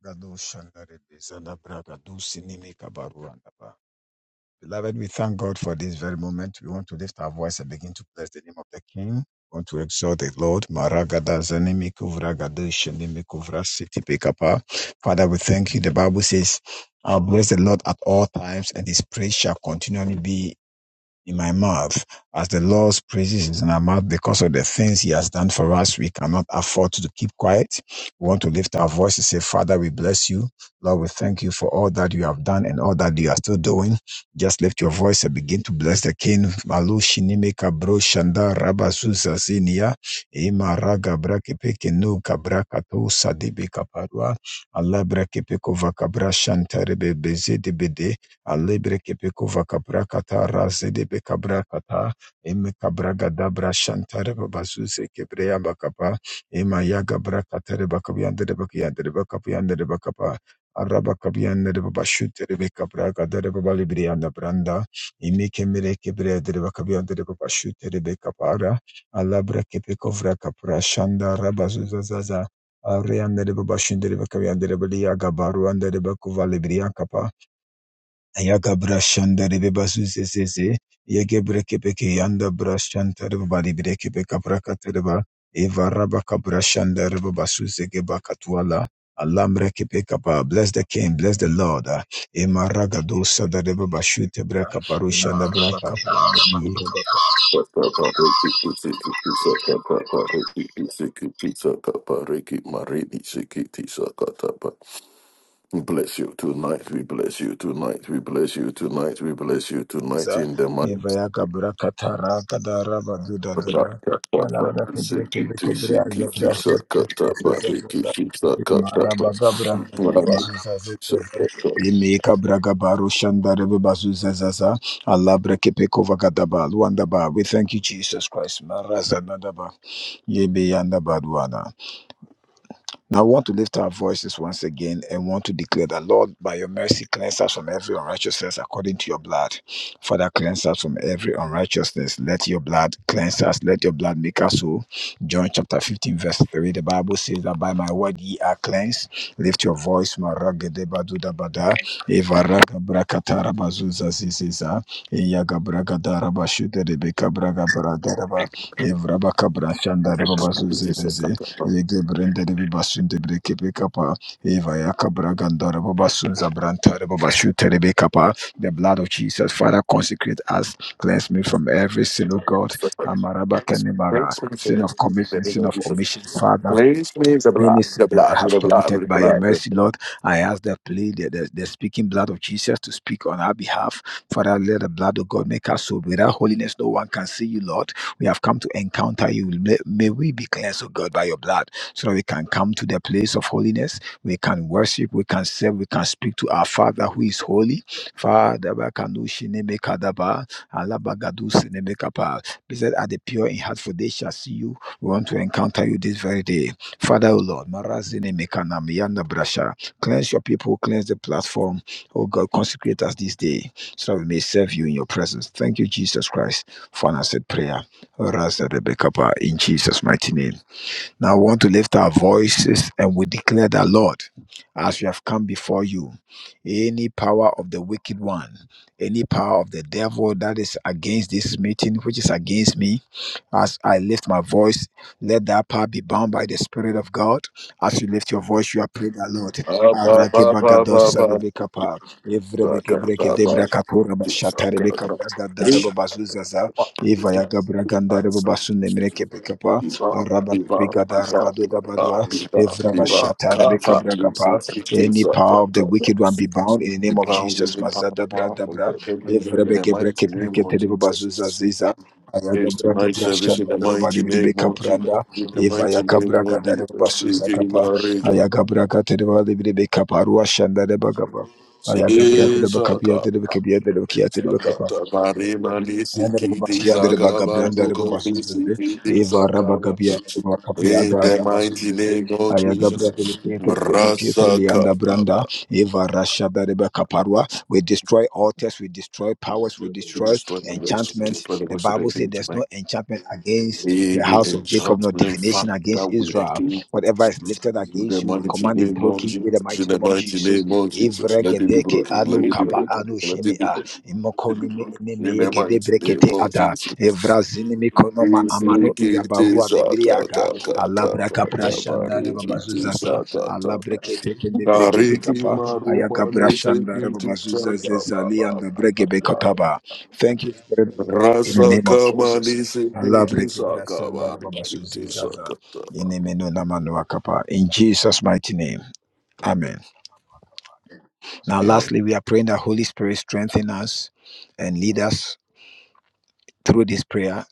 Beloved, we thank God for this very moment. We want to lift our voice and begin to bless the name of the King. We want to exalt the Lord. Maragada zanimi kuvra gado shenimi Father, we thank you. The Bible says, I'll bless the Lord at all times, and his praise shall continually be in my mouth as the Lord's praises is in our mouth because of the things He has done for us. We cannot afford to keep quiet. We want to lift our voice and say, Father, we bless you. Lord, we thank you for all that you have done and all that you are still doing. Just lift your voice and begin to bless the King. Malu shinime kabro shanda rabazuza zinia. Ima raga brakepe kenu kabrakato sadibe kaparwa. Allah brakepe vakabra shantarebe bezedebede. Alebre kepekova kabrakata razedebe kabra kata eme kabra gadabra shantare babazuze kebreya bakapa emayaga brakatere bakabiyandere bakiyandere bakapiyandere bakapa araba kabiyandere babashutere bekabragadere babalibriyanda branda imi imikemere kebreyadere bakabiyandere babashutere bekapara alabra kepekovra kapra shanda rabazuza zaza Ariandere babashindere bakabiyandere baliyaga baruandere bakuvalibriya kapa Ayagabra shanda rebe basu se se se. Yegebre kepeke yanda brashanta rebe bari bire kepeka prakata reba. Eva raba kabra shanda rebe basu se geba katuala. Alambre kepeka pa. Bless the king, bless the Lord. Emaraga dosa da rebe bashu te breka Ima parushanda raba braka. kapranda bless you tonight, we bless you tonight, we bless you tonight, we bless you tonight baza. in the mighty Eva ya kabra katara kadara baduda dada. Alabra kebre kebre kebre azabra shebre basuza zaza. Ima raba kabra raba basuza zaza. Imi kabra gabaru shandare basuza zaza. Alabra kepe kova gadaba luandaba. We thank you, Jesus Christ. Marazanadaba. Yebe yandaba duana. Now we want to lift our voices once again and want to declare that, Lord, by your mercy, cleanse us from every unrighteousness according to your blood. Father, cleanse us from every unrighteousness. Let your blood cleanse us. Let your blood make us whole. John chapter 15, verse 3. The Bible says that by my word ye are cleansed. Lift your voice. Maragedebadudabada, Evaragabrakatarabazuzazizeza, Eyagabragadarabashi, Derebekabragabradaraba, Evrabakabrashandarabazuzezeze. Yege brenda de basun de breke be Eva yaka braganda de basun zabranta babashute de babashu The blood of Jesus, Father, consecrate us. Cleanse me from every sin, of God. Amaraba kenimara. Place me for Sin the of the commission, name sin of of Jesus. omission, Father. Place me the blood, Any the sin I blood, with have the blood, with committed the by your blood. mercy, Lord, I ask that plea, the, the, the speaking blood of Jesus to speak on our behalf. Father, let the blood of God make us so. Without holiness, no one can see you, Lord. We have come to encounter you. May, may we be cleansed, O God, by your blood, so that we can come to the place of holiness. We can worship, we can serve, we can speak to our Father who is holy. Father, Bakanushi Nemekadaba, Alabagadus Nemekapa. Blessed are the pure in heart, for they shall see you. We want to encounter you this very day. Father, O oh Lord, Marazine Mekana Miyanda Brasha, cleanse your people, cleanse the platform. Oh God, consecrate us this day so that we may serve you in your presence. Thank you, Jesus Christ, for an answered prayer. Raza Rebekah, In Jesus' mighty name. Now I want to lift our voices and we declare that, Lord, as we have come before you, any power of the wicked one, any power of the devil that is against this meeting, which is against me, as I lift my voice, let that power be bound by the Spirit of God. As you lift your voice, you are praying that, Lord. Ba, ba, ba, ba, ba, Arakebagadosa ba. debekapa, Saka, evrebekebreke ba, ba. debrakapura bashatare Saka, ba. Hey, bazuzaza, ba. Eva yaga braganda I reba say, basun Viva, Araba viva, kepe gada viva, uh, badwa. viva, Evra viva, bashata rebe kafa, jinsi, siki, Any saka, power of the taka. wicked one be bound in the We name of bound in Jesus. the Mazada bra power of dabra. the enemy Evra in the beke breke mighty name of prekete reba bazuza Jesus. ziza. Ayaga Here's braga tonight's service in brashanda the reba badi mighty rebe name of Jesus. kapranda. In the Eva mighty yaga name braga of da reba Jesus. basuza Siki, kapa. Maria, Ayaga braga tereba rebe kapa. Ruashanda reba kapa. Ayaga braga Siki, reba kapia reba Saka. kapia reba kia reba In kapa. Yandere bagabranda rebo bazuzize eva raba gabia rebo kapia da the raba mighty zuzize name of aya gabra Jesus, rebo pietre pietre pietre lianda branda Rasakababa. eva rasha da rebo kaparwa we destroy altars we destroy powers we we destroy destroy the works, we enchantment destroy the the works of the bible says enemy there's no tonight. enchantment against In the the house of jacob no enchantment divination fact that against we are israel giving whatever is lifted in against the you we mighty command it name of broken in the Jesus, in mighty the name of mighty jesus name of Jesus, evre let it be gedeke broken, let anu it be kaba broken, anu let shini it be broken, let it be imokoni me broken. eneme In the yegede mighty name brekete of ada Jesus, evrazini Rasa mikonoma amano iyabarua bibriaga alabra kapra shanda reba bazuzasa alabreke pekende breke pekapa ayaga brashanda reba bazuza zezali and the breke bekotaba thank you spirit of God in the name of Jesus kamani sekiti alabreke brashanda sakaba reba bazuza kiti zezali in sakataba. the name of Namanuakapa. in Jesus mighty name amen now, Amen. lastly, we are praying that Holy Spirit strengthen us and lead us through this prayer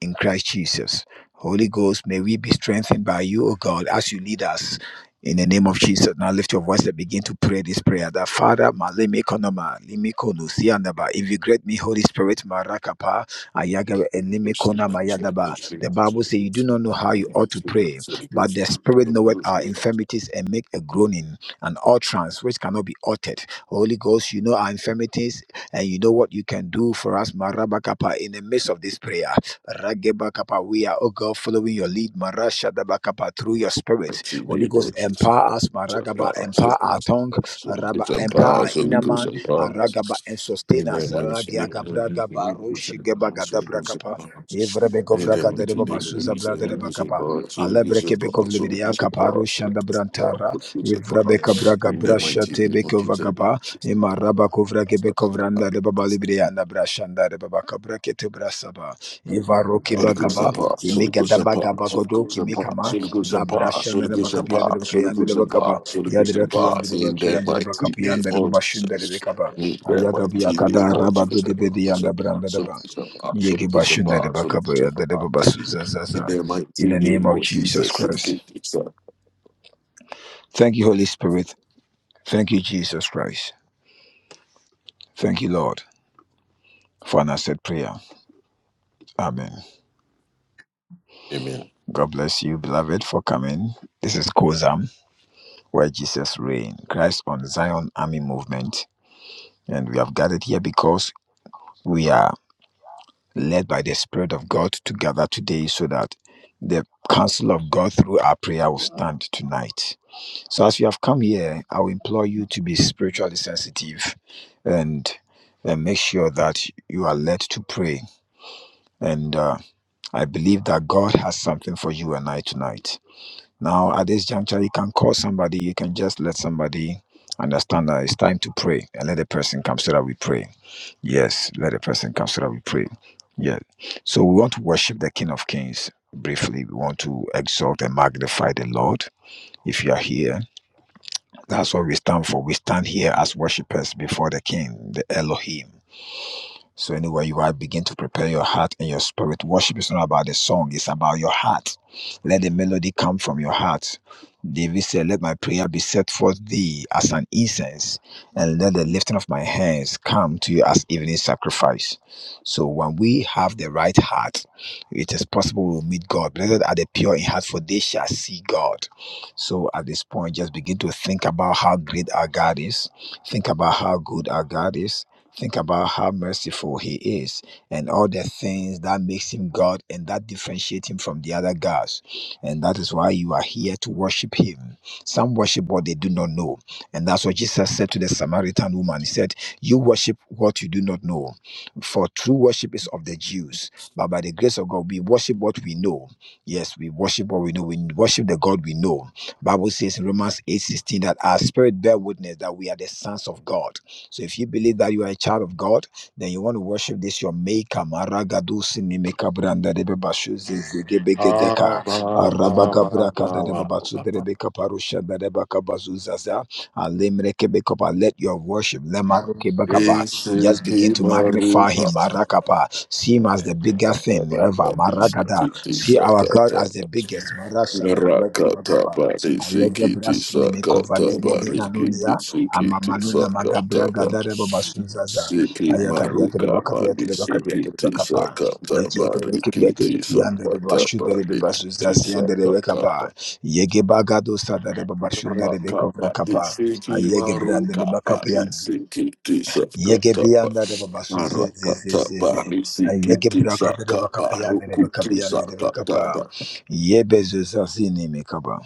in Christ Jesus. Holy Ghost, may we be strengthened by you, O God, as you lead us. In the name of Jesus, now lift your voice and begin to pray this prayer. That Father, maleme konoma, limi konu, siyanaba. If you grant me Holy Spirit, marakapa, ayaga, and Go limi kona sleep. I'm sorry. Go mayadaba. sleep. The I'm Bible sorry. says Go you do sleep. not know how you Go ought to sleep. I'm pray, sorry. Go but the sleep. Spirit knoweth Go our sleep. I'm infirmities and make a groaning, an utterance which cannot be uttered. Holy Ghost, you know our infirmities and you know what you can do for us, Marabakapa, in the midst of this prayer. Ragebakapa, we are, oh God, following your lead, Marashadabakapa, through your spirit. Holy sorry. Go Ghost, sleep. empower us, That Maragaba, empower our tongue, Raba, empower our inner man, Aragaba, and sustain us. Ragiagabragaba, Roshigebagadabragapa, Evrebekovragadabasuza, Bradabakapa, Alebrekebekovlibidiakapa, Roshandabrantara. Ivrabeka braga brasha tebeke vagaba imaraba kovra gebeko vranda de baba might libri anda brashanda de baba kabra kete brasaba ivaroki Holy Ghost bagaba and power, Holy imega da Ghost and power, bagaba Holy godo Ghost and power, kimikama Holy Ghost la and power, brasha na Holy de Ghost and bakapia power, de baka Holy yanda de Ghost and bakaba power, Holy yanda Ghost de and baki power, yanda de in baki that yanda de mighty bakapi name yanda de of baba shunda de Jesus. bakaba In that ayaga biya mighty kada name of raba do Jesus. de Holy bedi Ghost yanda and branda de ba power, yege Holy Ghost and bashunda de power, Holy bakaba Ghost and power, Holy Ghost and yanda de power. baba In suzazaza that in mighty the name name of of Jesus Jesus. we Christ. give you Thank you, Holy Spirit. Thank you, Jesus Christ. Thank you, Lord, for an answered prayer. Amen. Amen. God bless you, beloved, for coming. This is Kozam, where Jesus reigns. Christ on Zion Army Movement. And we have gathered here because we are led by the Spirit of God to gather today so that the counsel of God through our prayer will stand tonight. So, as you have come here, I will implore you to be spiritually sensitive and, and make sure that you are led to pray. And uh, I believe that God has something for you and I tonight. Now, at this juncture, you can call somebody, you can just let somebody understand that it's time to pray and let the person come so that we pray. Yes, let the person come so that we pray. Yes. So we want to worship the King of Kings briefly. We want to exalt and magnify the Lord. If you are here, that's what we stand for. We stand here as worshippers before the King, the Elohim. So anywhere you are, begin to prepare your heart and your spirit. Worship is not about the song, it's about your heart. Let the melody come from your heart. David said, Let my prayer be set forth thee as an incense, and let the lifting of my hands come to you as evening sacrifice. So when we have the right heart, it is possible we'll meet God. Blessed are the pure in heart, for they shall see God. So at this point, just begin to think about how great our God is. Think about how good our God is Think about how merciful he is and all the things that makes him God and that differentiate him from the other gods. And that is why you are here to worship him. Some worship what they do not know. And that's what Jesus said to the Samaritan woman. He said, You worship what you do not know. For true worship is of the Jews. But by the grace of God, we worship what we know. Yes, we worship what we know. We worship the God we know. Bible says in Romans 8:16 that our spirit bear witness that we are the sons of God. So if you believe that you are a child of God, then you want to worship this your maker. Maragadusi nimeka branda debe bashuzi zigebe Ah, gedeka. ba, ba, Arabaga ba, ba, braka dadeba ba, basu ba, ba. derebe kaparusha dadeba kabazu zaza. Alemre kebe Let your worship lemaru kebe kapa. Ese just begin que to magnify maruca. him. Marakapa. See him as the Ba, biggest ba, thing ba, ever. ba. Ese Maragada. que te See our saca, God ta, as the ba. biggest. Marasha derebe kova Rakata kapa. bari Ayege sikiti brasi nimeko sakata bari nanunia. kiti sikiti Amamanuna sakata magabra bari gadare babasunzaza. siki Ayakabiatere maruka bari bakabiatere bakabiatere sikiti bakapa. sakata Yeki yatere bari bekibiatere kiti bekiyandere sakata babashudere bari kiti babasuzasi yandere sakata bekapa. bari. Yege bagado sadare babashudere raka bekovra bari kapa. siki Ayege brandere maruka bari bakapian. sikiti Yege sakata biyandere bari rakata babasuzezezezeze. bari Ayege sikiti brakadere sakata bari bakapiandere kuti bakapiandere sakata bakapa. Yebezuzazini mekaba.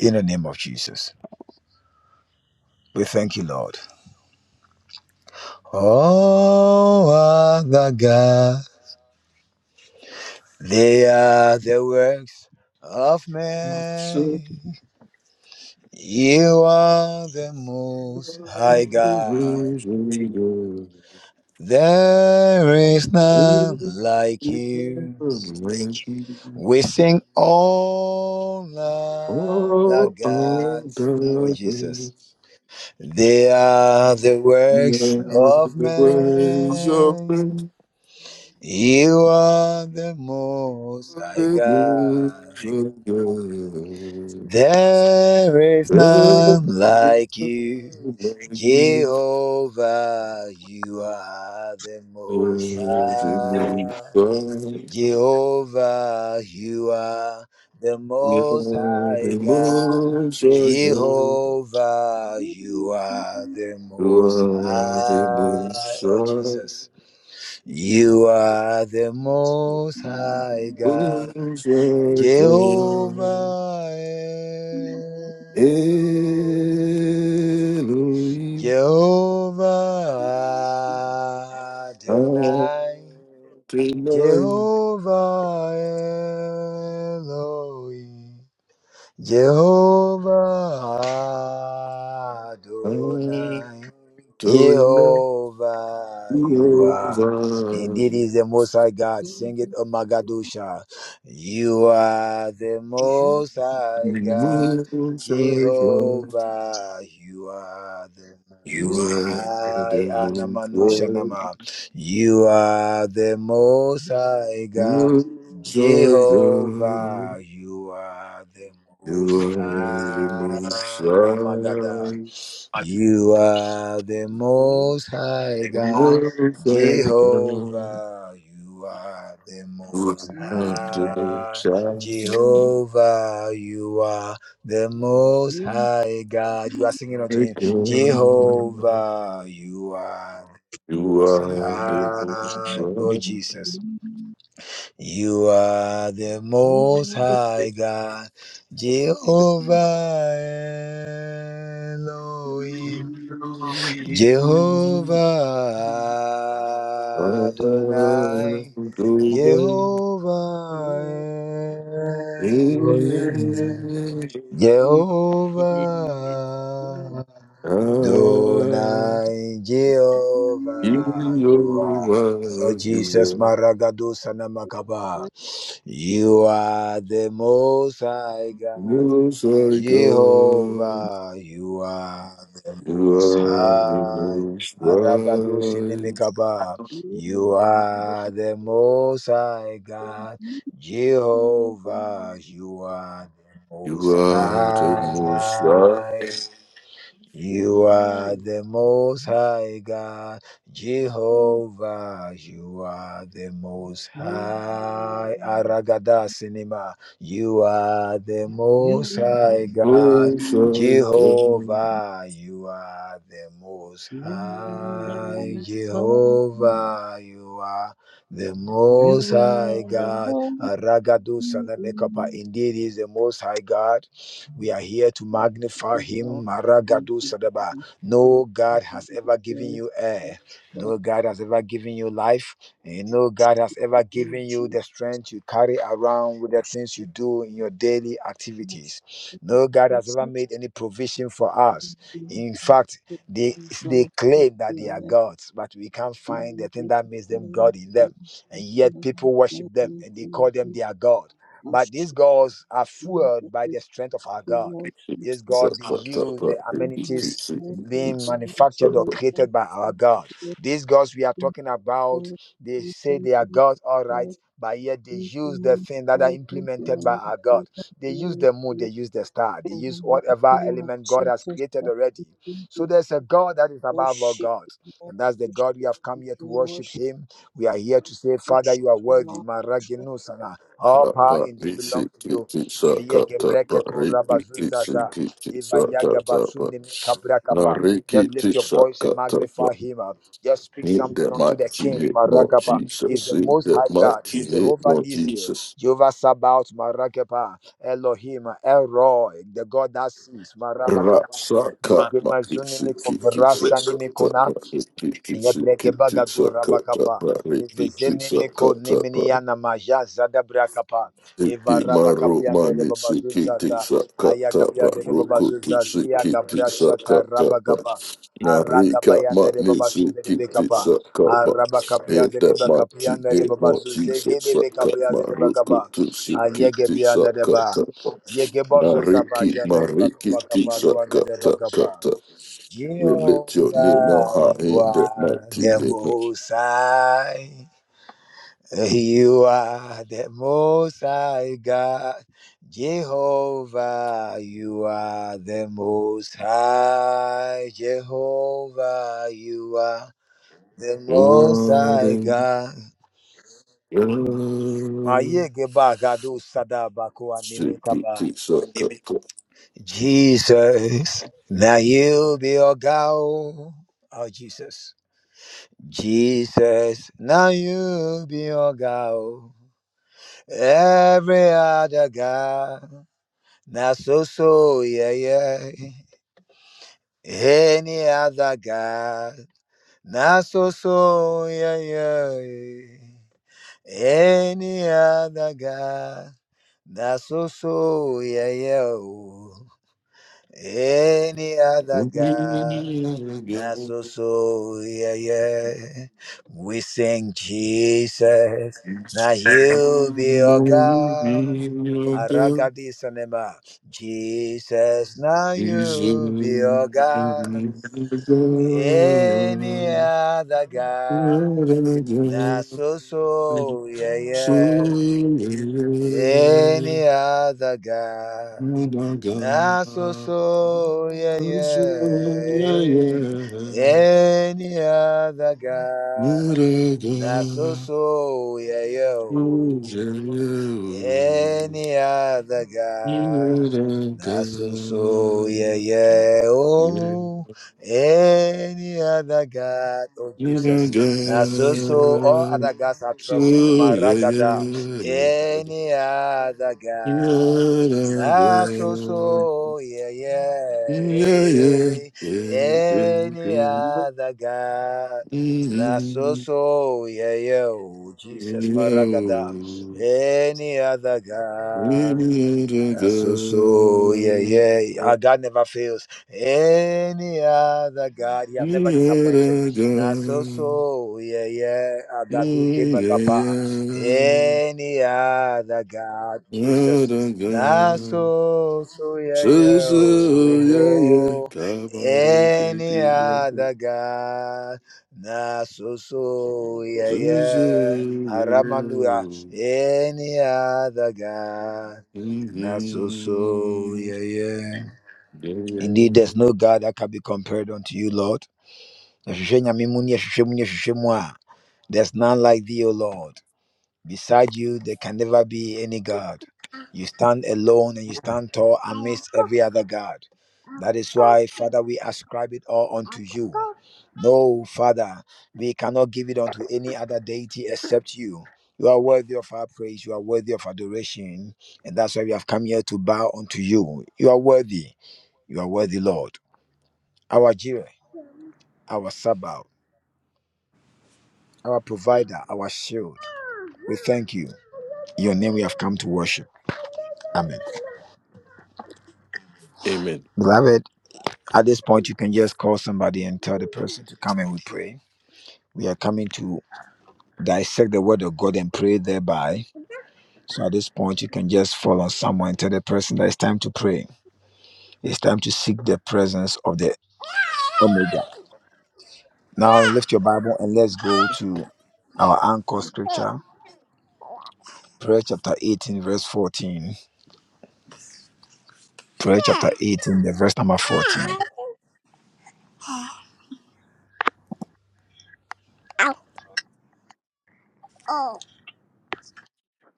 In the name of Jesus. We thank you, Lord. Oh, other God, they are the works of bari man. You are the Oh, most high the God. ways of There is none like you. We sing all other gods. Oh, Jesus. They are the works of man. men, You are the most high the God. moves of God. There is You. You. You. You. You. You. You. You. You. You. You. none Everything like you. Jehovah, you are the The most moves high. of God. Jehovah, you are the We are most high the God. moons of God. Jehovah, you are the You most are the high. moons Oh, Jesus. You are the most high God, Who's like thee? Jehovah Elohim, Elohim, Jehovah Adonai, Adonai, Jehovah Elohim, Jehovah Adonai, Adonai. Jehovah. Jehovah, you You are. Indeed, is the Most High God. Sing it, O Magadusha. You are the Most High God. Most High God, Jehovah, you are the You Most are the High. most Anamanusha high, Nama. You are the Most High God. most high God. Jehovah, you are the You Most are the High. Amagada. You are the most high God, most high, most high God. Jehovah. You are the most again. high, Jehovah. You are the most high God. You are singing unto him, Jehovah. You are the You most You. are You. the most high, oh sorry Jesus. You are the most high God, Jehovah Elohim. Jehovah Adonai, Jehovah Elohim, Jehovah Adonai, Jehovah you are. Oh Jesus, Maragadu Sanamakaba, you are the Most High God. God. Jehovah, you are the You most are the high. most Aragados high. inimikaba. You are the most high God. You. You. Jehovah, you are the You most You you are the most high. high. You are the most high God, Jehovah. You are the most high Aragada cinema. You are the most high God, Oh, sorry, God. Jehovah. You are the most the high most Jehovah. You are the You most high are the God, most Aragadu Sanamekapa. Indeed, he is the most high God. We are here to magnify Give you all him. the Maragadu praise, give you all the praise, Sadaba. No God give has ever given you air. No God has ever given you life. And no God has ever given you Emotion, the strength you carry around with the things emotion, you do in your daily emotion, activities. No God has ever made process, any provision for us. In fact, they they claim that they are and gods, but we can't In find the thing the that makes mighty them name of God in them. Jesus And yet Christ, people worship we worship you, Lord, them and they call them their God. But these gods are fueled by worship the strength of our you, God. Lord, This worship So, God they but, but, use you, the but, it- Lord, it amenities keeps- it- it worship being keeps- manufactured but, or but, created by our God. These gods we are talking about, they say they are gods, all right, but yet they use the things that are implemented by our God. They use the moon, they use the star, they use you, whatever Lord. element God has created already. So there's a God that is above all worship gods, and that's the God we have come here to worship Him. We are here to say, Father, you are worthy. Maraginu all but, you, power but, indeed it's- belongs it- to it- you. it's a Via cut, cut, but, gebreketo it- it- it's it, rabazuzaza. cut, it. Iva a cut, cut, but, yagabasuneme now, kabrakapa. Rick, Just it- it- lift your it's a voice and cut, cut, magnify but, him. uh, Just speak in something the unto the mighty king. name of Marakapa. He is Jesus, the in most the high God. He is mighty name Jehovah of Nisi. Jesus. Jehovah Sabaoth. Marakapa. Elohim. uh, El Roy. The God that sees. Marabakapa. Rasaka Yegemazunimi makisiki kisa kata kovrasa pra riki kisi Yebrege kiti bagadu sakata rabakapa. pra riki Ivezene kisa meko nemini yana maja zada brakapa. Siki Eva maru rabakapi anda de mani babazu siki zaza. tisa Aya kata ba kapia de de roku babazu tu zazi ya siki gabra tisa shata kata ba rabagapa. Araga narika bayanda de mani babashu de de siki bekapa. tisa kaba Araba kapianda eda de maki bakapianda ne de mo babazu tisa zege de saka bekapianda de maruku bagaba. tu siki Ayege tisa bianda de ba. kata ba Yege bozo zaba nariki janda de mariki bakapa tisa kapalu anda de kata bagaba. kata we lift your name on Jehovah, high you in the are mighty the name of most high. You are the most high God. Jehovah, you are the most high. Jehovah, you are the most high Lord, God. Ma Lord. yege ba gado sada ba ko anime Shiki kaba. tisa Jesus, now you be your God. Oh, oh, Jesus. Jesus, now you be your God. oh. Every other God, not so so, yeah, yeah. Any other God, not so so, yeah, yeah. Any other God, not so so, yeah, yeah. oh. Any other Yeah, God, not so so yeah yeah. We sing Jesus, now you be our God. yeah. Aragadi sanema, Jesus, now you be our God. Any other God, not so so yeah yeah any other God. Not so so yeah yeah any other God. Not so so yeah yeah any other You've been God. Nasuso yeah good. yeah oh any other God oh You've been Jesus Nasuso all good. other gods are So troubling yeah, yeah, Maragada yeah. any other You've God been good. Nasuso yeah Yeah, yeah, yeah yeah, yeah, any yeah. other God Mhm. Nasuso yeah yeah oh You Jesus Maragada any other God. need a Uh, so so yeah good. yeah our God never fails. Any other God, He You has never need a disappointed. are Now so good. so yeah yeah our Yeah, God who came a kappa. yeah. Any other God, Jesus. Now Adaga, so so yeah yeah Suzu, yeah, yeah, oh, oh. any Kabarikitizo, other God. Now so so yeah Suzu, yeah yeah, Aramanua. Any other God. yeah. Not so, so, Mhm, yeah, yeah. Indeed, there's no yeah. God that can be compared unto you, Lord. There's none like thee, O Lord. Beside you, there can never be any God. You stand alone and you stand tall amidst every other God. That is why, Father, we ascribe it all unto you. No, Father, we cannot give it unto any other deity except you. You are worthy of our praise. You are worthy of adoration. And that's why we have come here to bow unto you. You are worthy. You are worthy, Lord. Our Jireh, our Sabbath, our provider, our shield. We thank you. In your name we have come to worship. Amen. Amen. Beloved. At this point, you can just call somebody and tell the person to come and we pray. We are coming to dissect the word of God and pray thereby. So at this point, you can just fall on someone and tell the person that it's time to pray. It's time to seek the presence of the Omega. Now lift your Bible and let's go to our anchor scripture, prayer chapter 18, verse 14. Prayer chapter 18, the verse number 14. Oh.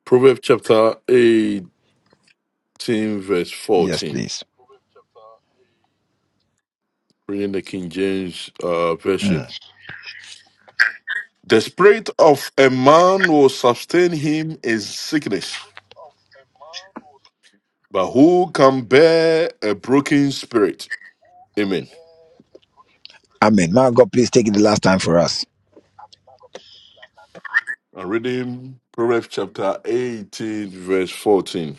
Proverbs chapter 18, verse Yes, 14, please. reading the King James uh, Version. Mm. The spirit of a man will sustain him in sickness, but who can bear a broken spirit? Amen. Amen. Now, God, please take it the last time for us. I'm reading Proverbs chapter 18, verse 14.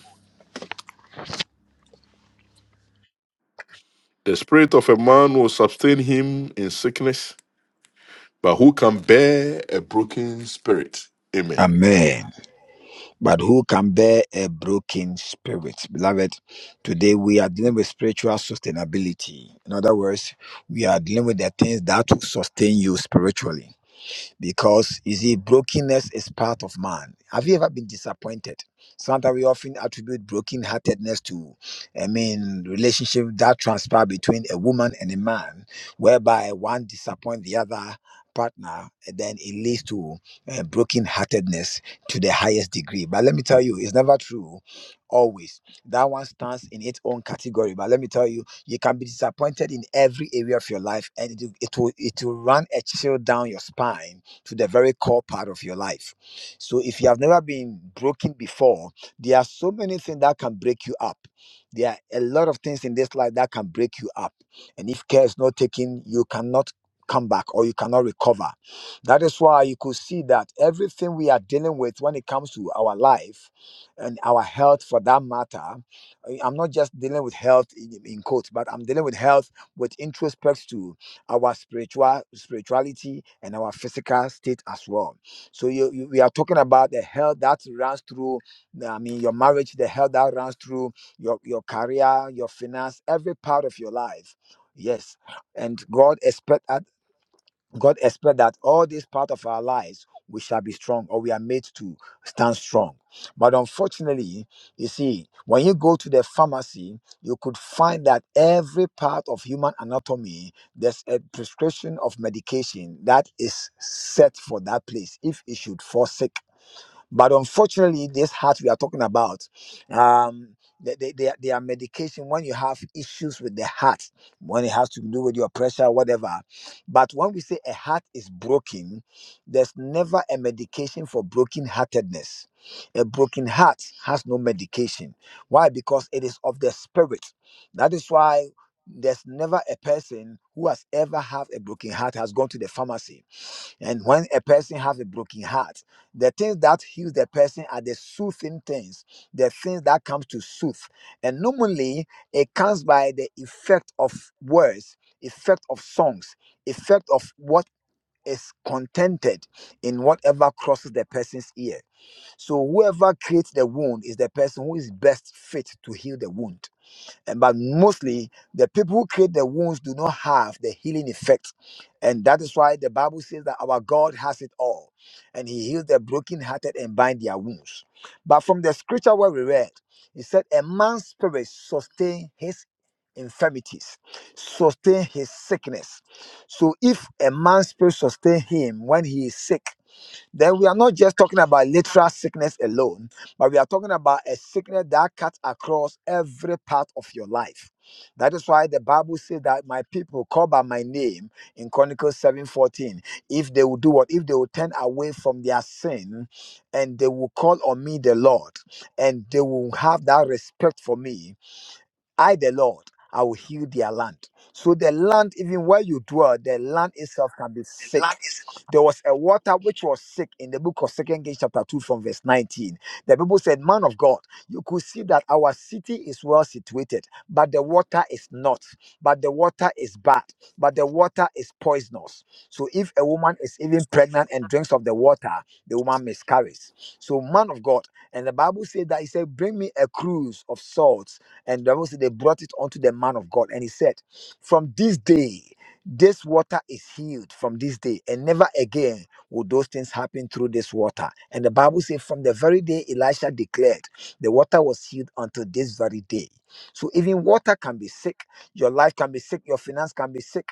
The spirit of a man will sustain him in sickness, but who can bear a broken spirit? Amen. Amen. but who can bear a broken spirit? Beloved, today we are dealing with spiritual sustainability. In other words, we are dealing with the things that will sustain you spiritually because you see brokenness is part of man have you ever been disappointed sometimes we often attribute brokenheartedness to i mean relationship that transpire between a woman and a man whereby one disappoint the other partner and then it leads to uh, brokenheartedness to the highest degree but let me tell you it's never true always that one stands in its own category but let me tell you you can be disappointed in every area of your life and it, will- it will it will run a chill down your spine to the very core part of your life. So if you have never been broken before, there are so many things that can break you up. There are a lot of things in this life that can break you up. And if care is not taken, you cannot come back or you cannot recover. That is why you could see that everything we are dealing with when it comes to our life and our health for that matter, I- I'm not just dealing with health in, in quotes, but I'm dealing with health with introspect to our spiritual spirituality and our physical state as well. So you, you we are talking about the health that runs through I mean your marriage, the health that runs through your, your career, your finance, every part of your life. Yes. And God expects God expects that all this part of our lives we shall be strong or we are made to stand strong. But unfortunately, you see, when you go to the pharmacy, you could find that every part of human anatomy, there's a prescription of medication that is set for that place if it should fall sick but unfortunately, this heart we are talking about, um, they, they, they, are- they are medication when you have issues with the heart, when it has to do with your pressure, whatever. But when we say a heart is broken, there's never a medication for broken-heartedness. A broken heart has no medication. Why? Because it is of the spirit. That is why there's never a person who has ever have a broken heart has gone to the pharmacy and when a person has a broken heart, the things that heal the person are the soothing things, the things that comes to soothe. And normally it comes by the effect of words, effect of songs, effect of what is contented in whatever crosses the person's ear. So whoever creates the wound is the person who is best fit to heal the wound. And- but mostly the people who create the wounds do not have the healing effect and that is why the bible says that our god has it all and he heals the brokenhearted and bind their wounds but from the scripture where we read he said a man's spirit sustain his infirmities sustain his sickness so if a man's spirit sustain him when he is sick then we are not just talking about literal sickness alone, but we are talking about a sickness that cuts across every part of your life. That is why the Bible says that my people call by my name in Chronicles 7:14. If they will do what? If they will turn away from their sin and they will call on me the Lord, and they will have that respect for me. I, the Lord, I will heal their land. So the land, even where you dwell, the land itself can be sick. There was a water which was sick in the book of Second Kings, chapter 2, from verse 19. The people said, Man of God, you could see that our city is well situated, but the water is not, but the water is bad, but the water is poisonous. So if a woman is even pregnant and drinks of the water, the woman miscarries. So, man of God, and the Bible said that he said, Bring me a cruse of salt and the Bible said they brought it unto the man of God. And he said, From this day, this water is healed from this day, and never again will those things happen through this water. And the Bible says, From the very day Elisha declared, the water was healed until this very day. So even water can be sick, your life can be sick, your finance can be sick,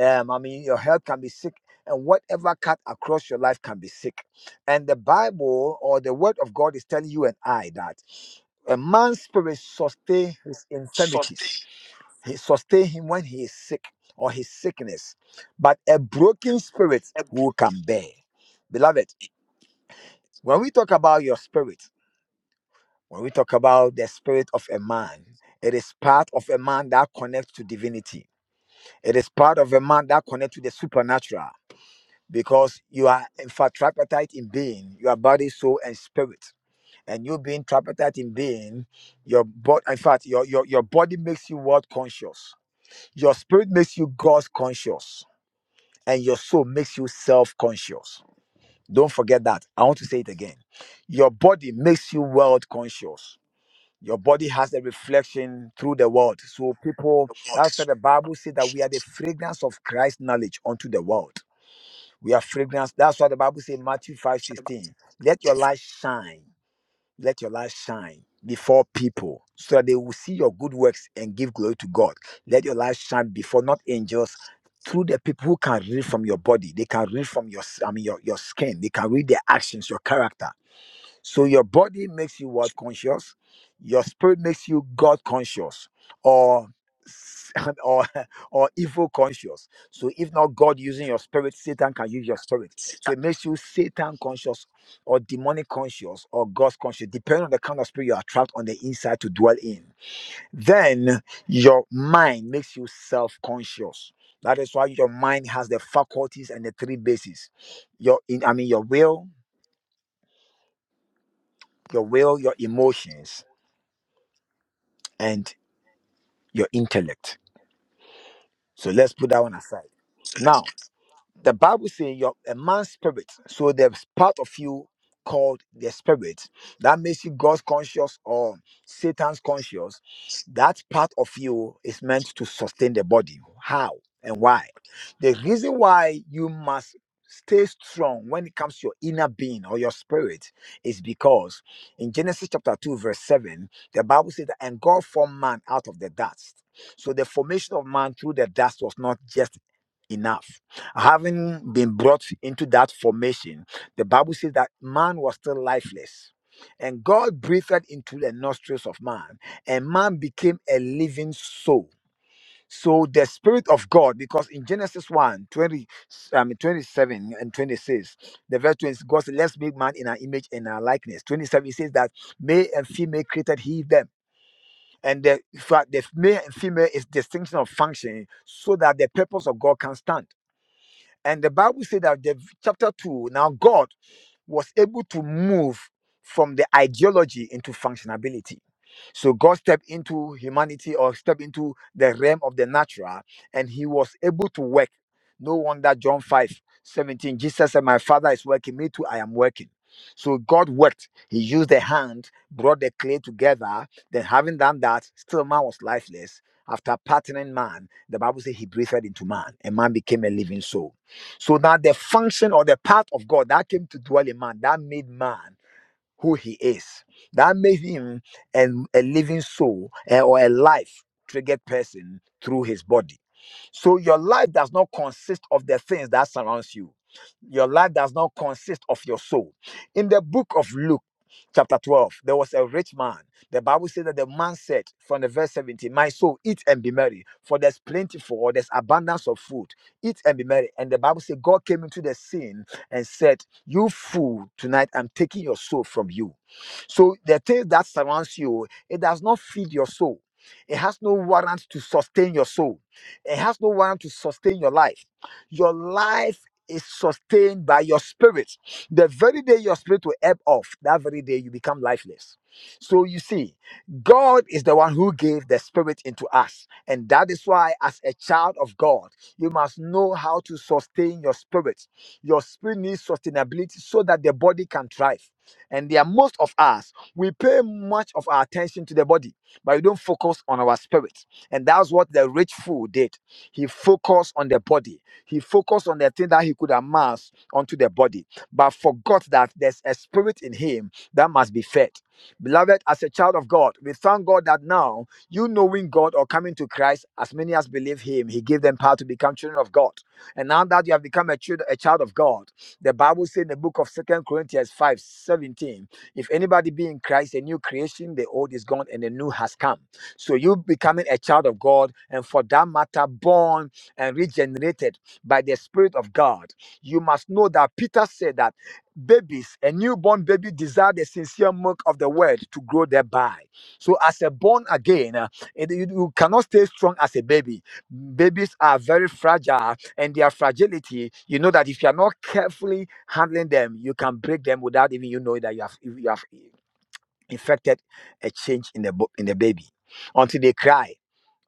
um, I mean, your health can be sick. And whatever cut across your life can be sick. And the Bible or the Word of God is telling you and I that. A man's spirit sustain his infirmities. He sustain him when he is sick or his sickness. But a broken spirit, who can bear? Beloved, when we talk about your spirit, when we talk about the spirit of a man, it is part of a man that connects to divinity. It is part of a man that connects to the supernatural because you are in fact tripartite in being, your body, soul, and spirit. and you being tripartite in being, your body, in fact, your, your, your body makes you world conscious, your spirit makes you God conscious, and your soul makes you self conscious. Don't forget that. I want to say it again. Your body makes you world conscious. Your body has a reflection through the world. So people, that's why the Bible says that we are the fragrance of Christ's knowledge unto the world. We are fragrance. That's why the Bible says in Matthew 5 16. let your light shine let your light shine before people so that they will see your good works and give glory to God. Let your light shine before not angels. Through the people who can read from your body, they can read from your, I mean, your, your skin, they can read their actions, your character. So your body makes you what conscious, your spirit makes you God conscious, or s- or or evil conscious. So if not God using your spirit, Satan can use your spirit. So it makes you Satan conscious, or demonic conscious, or God conscious, depending on the kind of spirit you are trapped on the inside to dwell in. Then your mind makes you self conscious. That is why your mind has the faculties and the three bases. Your, in, I mean, your will, your will, your emotions and your intellect. So let's put that one aside. Now, the Bible says you're a man's spirit. So there's part of you called the spirit that makes you God's conscious or Satan's conscious. That part of you is meant to sustain the body. How and why? The reason why you must stay strong when it comes to your inner being or your spirit is because in Genesis chapter 2, verse 7, the Bible says that and God formed man out of the dust. So the formation of man through the dust was not just enough having been brought into that formation, the Bible says that man was still lifeless. And God breathed into the nostrils of man, and man became a living soul. So the Spirit of God, because in Genesis 1 20, um, 27 and 26, the verse 20, God said, Let's make man in our image and our likeness. 27, it says that male and female created he them. And the, in fact, the male and female is distinction of function so that the purpose of God can stand. And the Bible said that the chapter 2, now God was able to move from the ideology into functionality. So God stepped into humanity or stepped into the realm of the natural and he was able to work. No wonder John 5 17 Jesus said, My father is working, me too, I am working. So God worked. He used the hand, brought the clay together. Then, having done that, still man was lifeless. After partnering man, the Bible says he breathed into man, and man became a living soul. So now the function or the part of God that came to dwell in man, that made man who he is, that made him an, a living soul eh, or a life triggered person through his body. So your life does not consist of the things that surrounds you. Your life does not consist of your soul. In the book of Luke, chapter 12, there was a rich man. The Bible says that the man said from the verse 17, My soul, eat and be merry, for there's plentiful or there's abundance of food. Eat and be merry. And the Bible says God came into the scene and said, You fool, tonight I'm taking your soul from you. So the things that surrounds you, it does not feed your soul. It has no warrant to sustain your soul. It has no warrant to sustain your life. Your life is sustained by your spirit. The very day your spirit will ebb off, that very day you become lifeless. So you see, God is the one who gave the spirit into us. And that is why, as a child of God, you must know how to sustain your spirit. Your spirit needs sustainability so that the body can thrive. And there are most of us, we pay much of our attention to the body, but we don't focus on our spirit. And that's what the rich fool did. He focused on the body, he focused on the thing that he could amass onto the body, but forgot that there's a spirit in him that must be fed. Beloved, as a child of God, we thank God that now you knowing God or coming to Christ, as many as believe Him, He gave them power to become children of God. And now that you have become a child, a child of God, the Bible says in the book of Second Corinthians 5 17, if anybody be in Christ, a new creation, the old is gone and the new has come. So you becoming a child of God, and for that matter, born and regenerated by the Spirit of God. You must know that Peter said that babies a newborn baby desire the sincere milk of the word to grow thereby so as a born again uh, it- you, you cannot stay strong as a baby babies are very fragile and their fragility you know that if you are not carefully handling them you can break them without even you know that you have you have infected a change in the bo- in the baby until they cry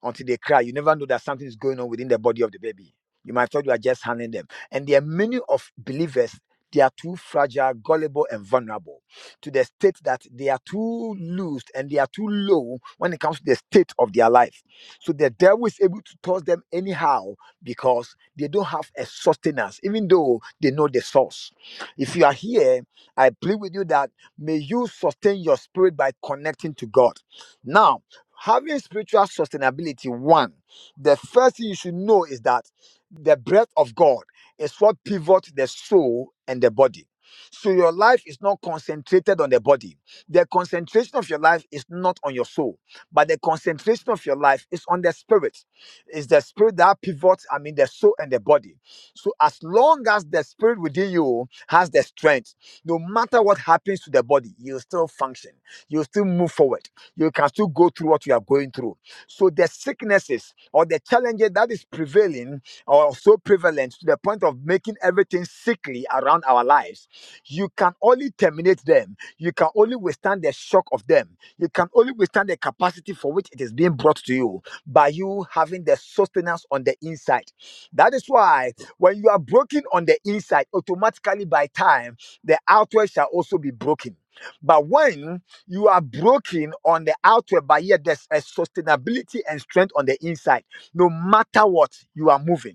until they cry. You never know that something is going on within the body of the baby. You might thought you are just handling them. And there are many of believers, they are too fragile, gullible, and vulnerable to the state that they are too loose and they are too low when it comes to the state of their life. So the devil is able to toss them anyhow because they don't have a sustenance, even though they know the source. If you are here, I plead with you that may you sustain your spirit by connecting to God. Now, having spiritual sustainability one the first thing you should know is that the breath of god is what pivots the soul and the body so your life is not concentrated on the body the concentration of your life is not on your soul but the concentration of your life is on the spirit it's the spirit that pivots i mean the soul and the body so as long as the spirit within you has the strength no matter what happens to the body you'll still function you'll still move forward you can still go through what you are going through. So the sicknesses or the challenges that is prevailing or so prevalent to the point of making everything sickly around our lives, you can only terminate them. You can only withstand the shock of them. You can only withstand the capacity for which it is being brought to you by you having the sustenance on the inside. That is why when you are broken on the inside, automatically by time, the outward shall also be broken. But when you are broken on the outward, but yet there's a sustainability and strength on the inside. No matter what, you are moving.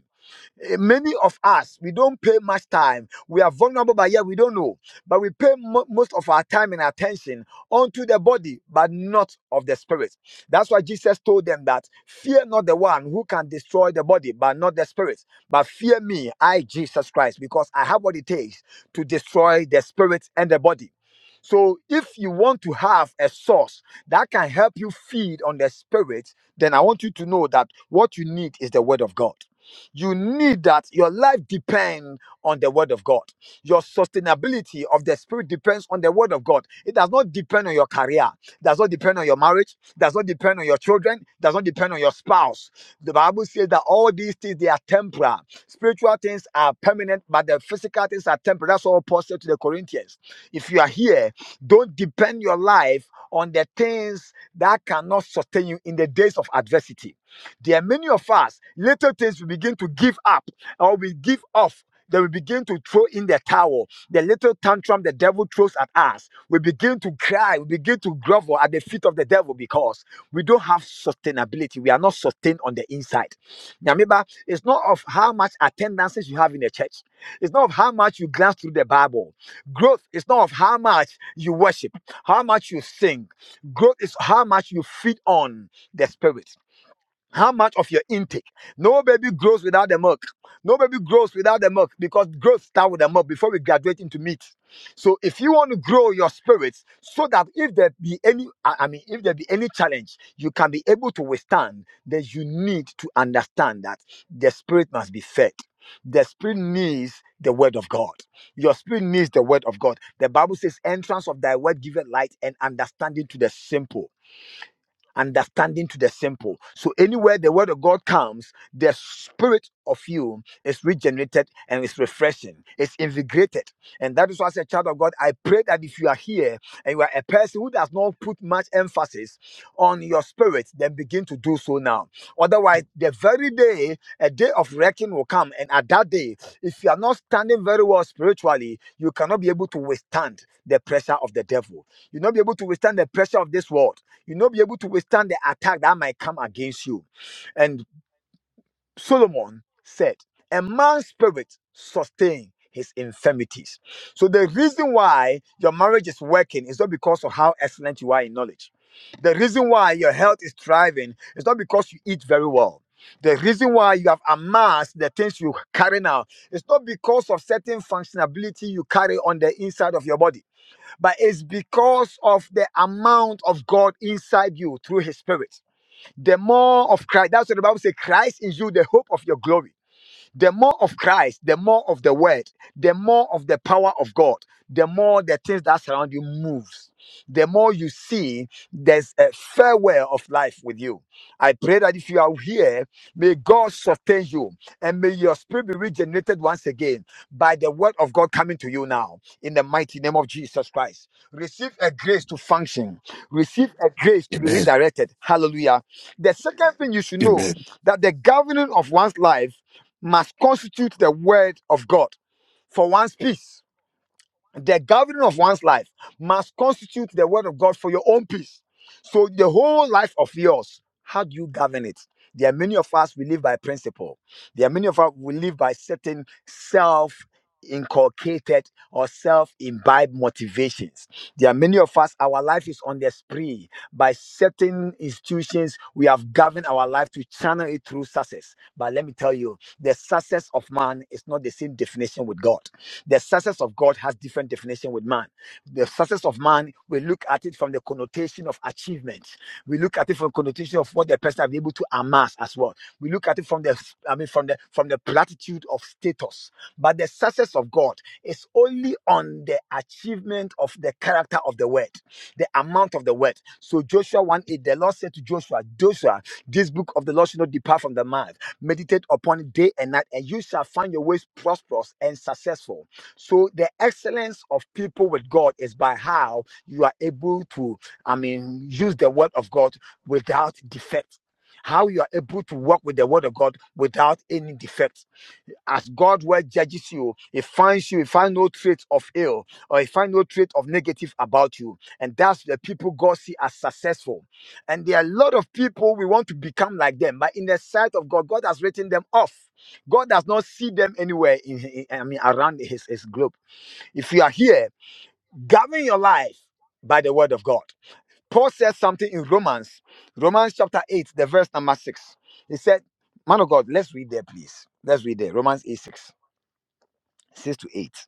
Eh, Many of us, we don't pay much time. We are vulnerable, but yet we don't know. But we pay mo- most of our time and attention unto the body, but not of the spirit. That's why Jesus told them that fear not the one who can destroy the body, but not the spirit. But fear me, I, Jesus Christ, because I have what it takes to destroy the spirit and the body. So, if you want to have a source that can help you feed on the spirit, then I want you to know that what you need is the word of God. You need that. Your life depends on the word of God. Your sustainability of the spirit depends on the word of God. It does not depend on your career, does not depend on your marriage, does not depend on your children, does not depend on your spouse. The Bible says that all these things they are temporal. Spiritual things are permanent, but the physical things are temporary. That's what Paul said to the Corinthians. If you are here, don't depend your life on the things that cannot sustain you in the days of adversity there are many of us, little things we begin to give up or we give off. Then we begin to throw in the towel, the little tantrum the devil throws at us. We begin to cry, we begin to grovel at the feet of the devil because we don't have sustainability. We are not sustained on the inside. remember, it's not of how much attendances you have in the church, it's not of how much you glance through the Bible. Growth is not of how much you worship, how much you sing. Growth is how much you feed on the Spirit how much of your intake no baby grows without the milk no baby grows without the milk because growth starts with the milk before we graduate into meat so if you want to grow your spirits so that if there be any i I mean if there be any challenge you can be able to withstand then you need to understand that the spirit must be fed the spirit needs the word of god your spirit needs the word of god the bible says entrance of thy word giveth light and understanding to the simple understanding to the simple. So anywhere the word of God comes, the spirit of you is regenerated and is refreshing, it's invigorated. And that is why as a child of God, I pray that if you are here and you are a person who does not put much emphasis on your spirit, then begin to do so now. Otherwise, the very day, a day of reckoning will come. And at that day, if you are not standing very well spiritually, you cannot be able to withstand the pressure of the devil. You'll not be able to withstand the pressure of this world You'll not be able to withstand the attack that might come against you. And Solomon said, A man's spirit sustains his infirmities. So the reason why your marriage is working is not because of how excellent you are in knowledge. The reason why your health is thriving is not because you eat very well. The reason why you have amassed the things you carry now is not because of certain functionality you carry on the inside of your body but it's because of the amount of God inside you through His Spirit. The more of Christ, that's what the Bible says Christ is you, the hope of your glory. The more of Christ, the more of the word, the more of the power of God, the more the things that surround you moves. The more you see, there's a farewell of life with you. I pray that if you are here, may God sustain you and may your spirit be regenerated once again by the word of God coming to you now in the mighty name of Jesus Christ. Receive a grace to function, receive a grace to be Amen. redirected. Hallelujah. The second thing you should know Amen. that the governing of one's life must constitute the word of God for one's peace. The governing of one's life must constitute the word of God for your own peace. So the whole life of yours, how do you govern it? There are many of us we live by principle. There are many of us we live by certain self inculcated or self-imbibed motivations. There are many of us, our life is on the spree. By certain institutions, we have governed our life to channel it through success. But let me tell you, the success of man is not the same definition with God. The success of God has different definition with man. The success of man, we look at it from the connotation of achievement. We look at it from connotation of what the person has been able to amass as well. We look at it from the, I mean, from the from the platitude of status but the success of God is only on the achievement of the character of the word, the amount of the word. So Joshua 1 8, the Lord said to Joshua, Joshua, this book of the Lord should not depart from the mouth. Meditate upon it day and night, and you shall find your ways prosperous and successful. So the excellence of people with God is by how you are able to, I mean, use the word of God without defect. How you are able to work with the word of God without any defect as God well judges you, He finds you, He finds no trait of ill or He finds no trait of negative about you. And that's the people God see as successful. And there are a lot of people we want to become like them, but in the sight of God, God has written them off. God does not see them anywhere in, in- I mean around his, his globe. If you are here, govern your life by the word of God. Paul says something in Romans, Romans chapter 8, the verse number 6. He said, Man of God, let's read there, please. Let's read there. Romans 8 6. 6 to 8.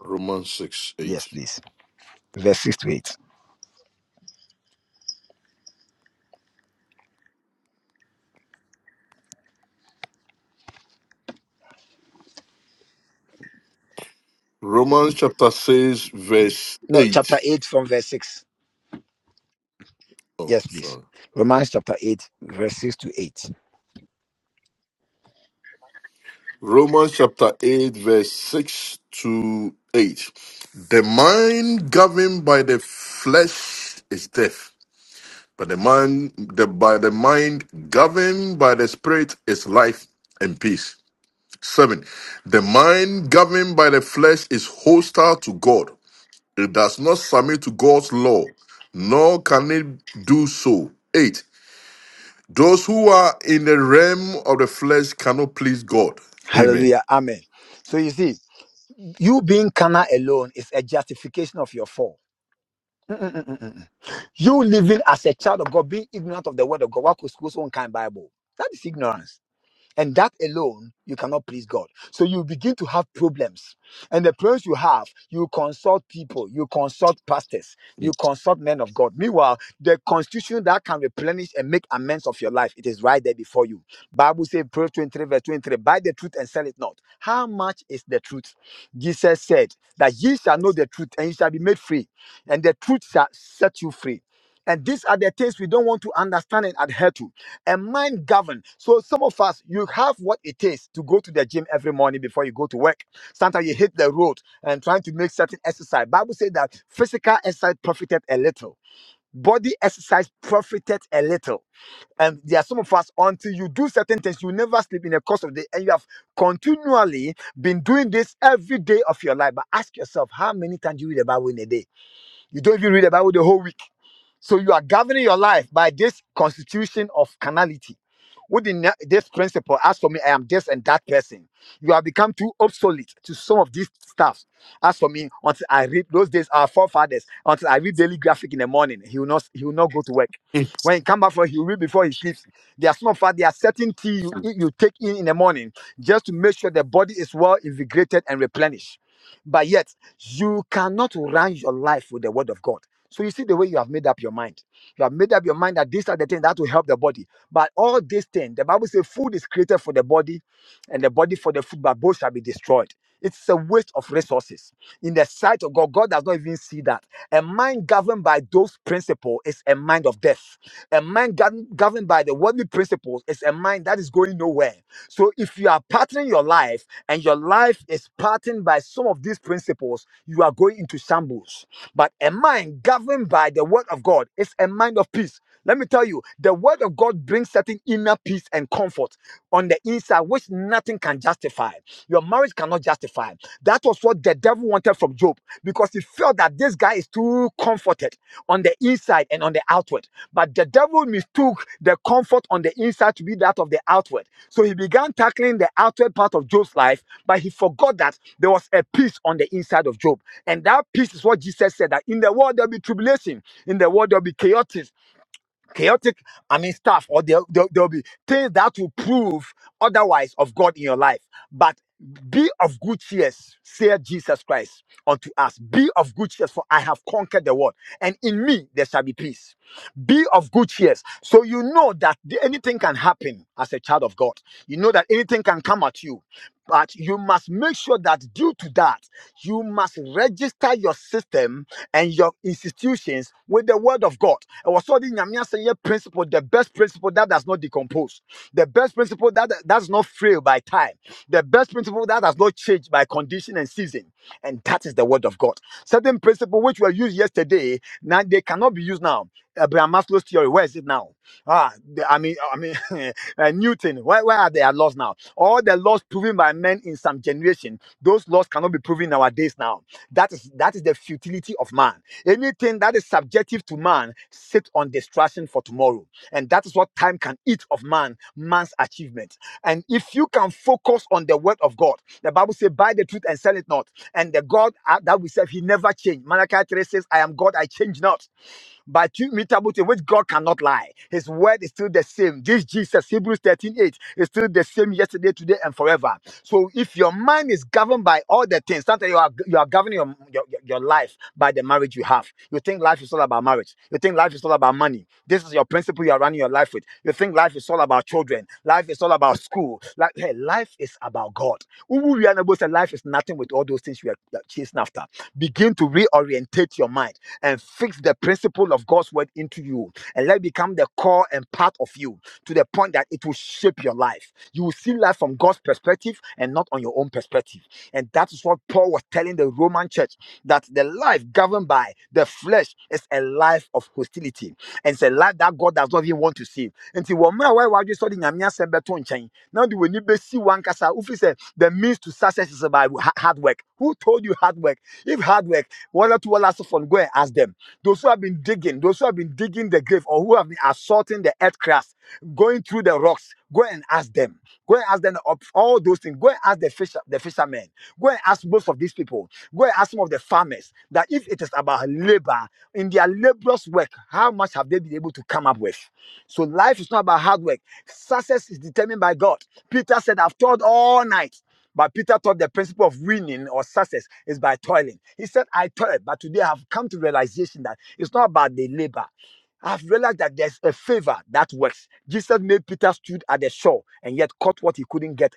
Romans 6, Yes, 8. please. Verse 6 to 8. Romans chapter 6, verse No, chapter 8. 8 from verse 6. Oh, Yes, please. sorry. Romans chapter 8, verse 6 to 8. Romans chapter 8, verse 6 to 8. The mind governed by the flesh is death. But the man, the by the mind governed by the spirit is life and peace. Seven, the mind governed by the flesh is hostile to God. It does not submit to God's law, nor can it do so. Eight, those who are in the realm of the flesh cannot please God. Amen. Hallelujah. Amen. So you see, you being carnal alone is a justification of your fall. Mm, mm, mm, mm, mm. You living as a child of God, being ignorant of the word of God, what could school's own kind Bible? That is ignorance. And that alone, you cannot please God. So you begin to have problems. And the problems you have, you consult people, you consult pastors, you consult men of God. Meanwhile, the constitution that can replenish and make amends of your life, it is right there before you. Bible says, Proverbs 23, verse 23, buy the truth and sell it not. How much is the truth? Jesus said that ye shall know the truth and ye shall be made free, and the truth shall set you free. And these are the things we don't want to understand and adhere to a mind governed. So some of us, you have what it takes to go to the gym every morning before you go to work. Sometimes you hit the road and trying to make certain exercise. Bible says that physical exercise profited a little, body exercise profited a little. And there are some of us, until you do certain things, you never sleep in the course of the day. And you have continually been doing this every day of your life. But ask yourself, how many times do you read the Bible in a day? You don't even read the Bible the whole week. So you are governing your life by this constitution of carnality Within na- this principle, as for me, I am this and that person. You have become too obsolete to some of these stuff. As for me, until I read those days, our forefathers, until I read daily graphic in the morning, he will not he will not go to work. Mm. When he come back from he will read before he sleeps. There are some of us, there are certain tea you eat- you take in in the morning just to make sure the body is well invigorated and replenished. But yet, you cannot run your life with the word of God. So you see the way you have made up your mind. You have made up your mind that these are the things that will help the body. But all these things, the Bible says food is created for the body and the body for the food, but both shall be destroyed. It's a waste of resources in the sight of God, God does not even see that. A mind governed by those principles is a mind of death. A mind gov- governed by the worldly principles is a mind that is going nowhere. So if you are patterning your life and your life is patterned by some of these principles, you are going into shambles. But a mind governed by the word of God is a mind of peace. Let me tell you, the word of God brings certain inner peace and comfort on the inside, which nothing can justify. Your marriage cannot justify. That was what the devil wanted from Job because he felt that this guy is too comforted on the inside and on the outward. But the devil mistook the comfort on the inside to be that of the outward. So he began tackling the outward part of Job's life, but he forgot that there was a peace on the inside of Job. And that peace is what Jesus said that in the world there'll be tribulation, in the world there'll be chaos, chaotic i mean stuff or there, there, there'll be things that will prove otherwise of god in your life but be of good cheer, said jesus christ unto us be of good cheer, for i have conquered the world and in me there shall be peace be of good cheer, so you know that the- anything can happen as a child of god you know that anything can come at you but you must make sure that due to that, you must register your system and your institutions with the word of God. I was studying Nyamia Senye principle, the best principle that does not decompose, the best principle that that does not fail by time, the best principle that does not change by condition and season. And that is the word of God. Certain principle which were used yesterday, now they cannot be used now. Abraham Maslow's theory, where is it now? Ah, the- I mean, I mean, a new thing. Why, why are there laws now? All the laws proven by men in some generation, those laws cannot be proven in our days now. That is that is the futility of man. Anything that is subjective to man sit on destruction for tomorrow, and that is what time can eat of man, man's achievement. And if you can focus on the word of God, the Bible says, "Buy the truth and sell it not." And the God uh, that we serve, He never changed. Malachi three says, "I am God; I change not." but you immutable thing which God cannot lie. His word is still the same. This Jesus, Hebrews 13 8, is still the same yesterday, today, and forever. So if your mind is governed by all the things, sometimes you are you are governing your, your, your your life by the marriage you have. You think life is all about marriage. You think life is all about money. This is your principle you are running your life with. You think life is all about children. Life is all about school. Like, hey, life is about God. Ubu Rihanna to say life is nothing with all those things we are we are chasing after. Begin to reorientate your mind and fix the principle of God's word into you and let it become the core and part of you to the point that it will shape your life. You will see life from God's perspective and not on your own perspective. And that is what Paul was telling the Roman church that the life governed by the flesh is a life of hostility and it's a life that God does not even want to see. And now the when you see one kasa, Who said the means to success is by hard work. Who told you hard work? If hard work, one or two last from go and ask them. Those who have been digging, those who have been digging the grave or who have been assaulting the earth crust, going through the rocks, go and ask them. Go and ask them of all those things. Go and ask the fisher, the fishermen. Go and ask most of these people. Go and ask some of the farmers that if it is about labor, in their laborious work, how much have they been able to come up with? So life is not about hard work. Success is determined by God. Peter said, I've toiled all night. But Peter thought the principle of winning or success is by toiling. He said, I toiled, but today I've come to realization that it's not about the labor. I've realized that there's a favor that works. Jesus made Peter stood at the shore and yet caught what he couldn't get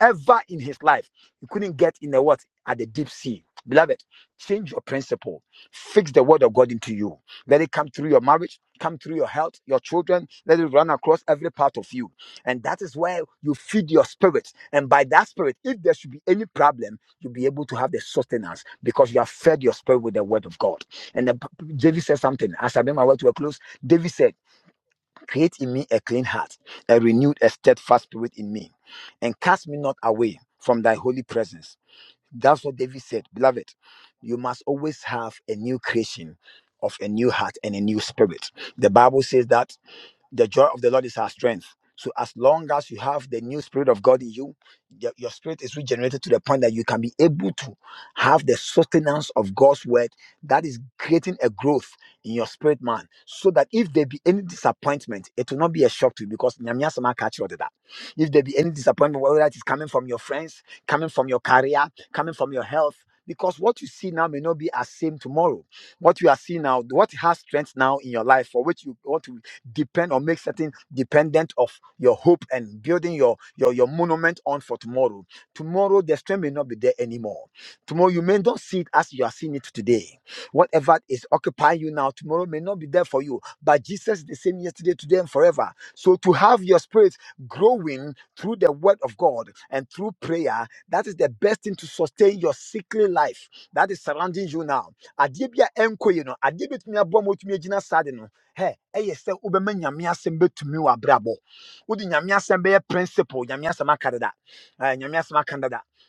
ever in his life. He couldn't get in the what? At the deep sea. Beloved, change your principle. Fix the word of God into you. Let it come through your marriage, come through your health, your children. Let it run across every part of you. And that is where you feed your spirit. And by that spirit, if there should be any problem, you'll be able to have the sustenance because you have fed your spirit with the word of God. And the, David said something. As I made my way to a close, David said, Create in me a clean heart, a renewed, a steadfast spirit in me, and cast me not away from thy holy presence that's what David said, beloved. You must always have a new creation of a new heart and a new spirit. The Bible says that the joy of the Lord is our strength. So as long as you have the new spirit of God in you, your, your spirit is regenerated to the point that you can be able to have the sustenance of God's word that is creating a growth in your spirit man. So that if there be any disappointment, it will not be a shock to you because Nyamiasama catch you that. If there be any disappointment, whether it is coming from your friends, coming from your career, coming from your health, because what you see now may not be as same tomorrow. What you are seeing now, what has strength now in your life for which you want to depend or make certain dependent of your hope and building your your your monument on for tomorrow tomorrow the strength may not be there anymore tomorrow you may not see it as you are seeing it today whatever is occupying you now tomorrow may not be there for you but jesus is the same yesterday today and forever so to have your spirit growing through the word of god and through prayer that is the best thing to sustain your sickly life that is surrounding you now adeɛ bi a ɛnkɔ yie no adeɛ bi tumi aboa ma wotumi agyina saa ade no hɛ ɛyɛ sɛ wobɛma nyame asɛm bɛtumi wɔ brabo. Udi nyame sembe bɛyɛ principle nyame asɛm aka dada Eh, nyame asɛm aka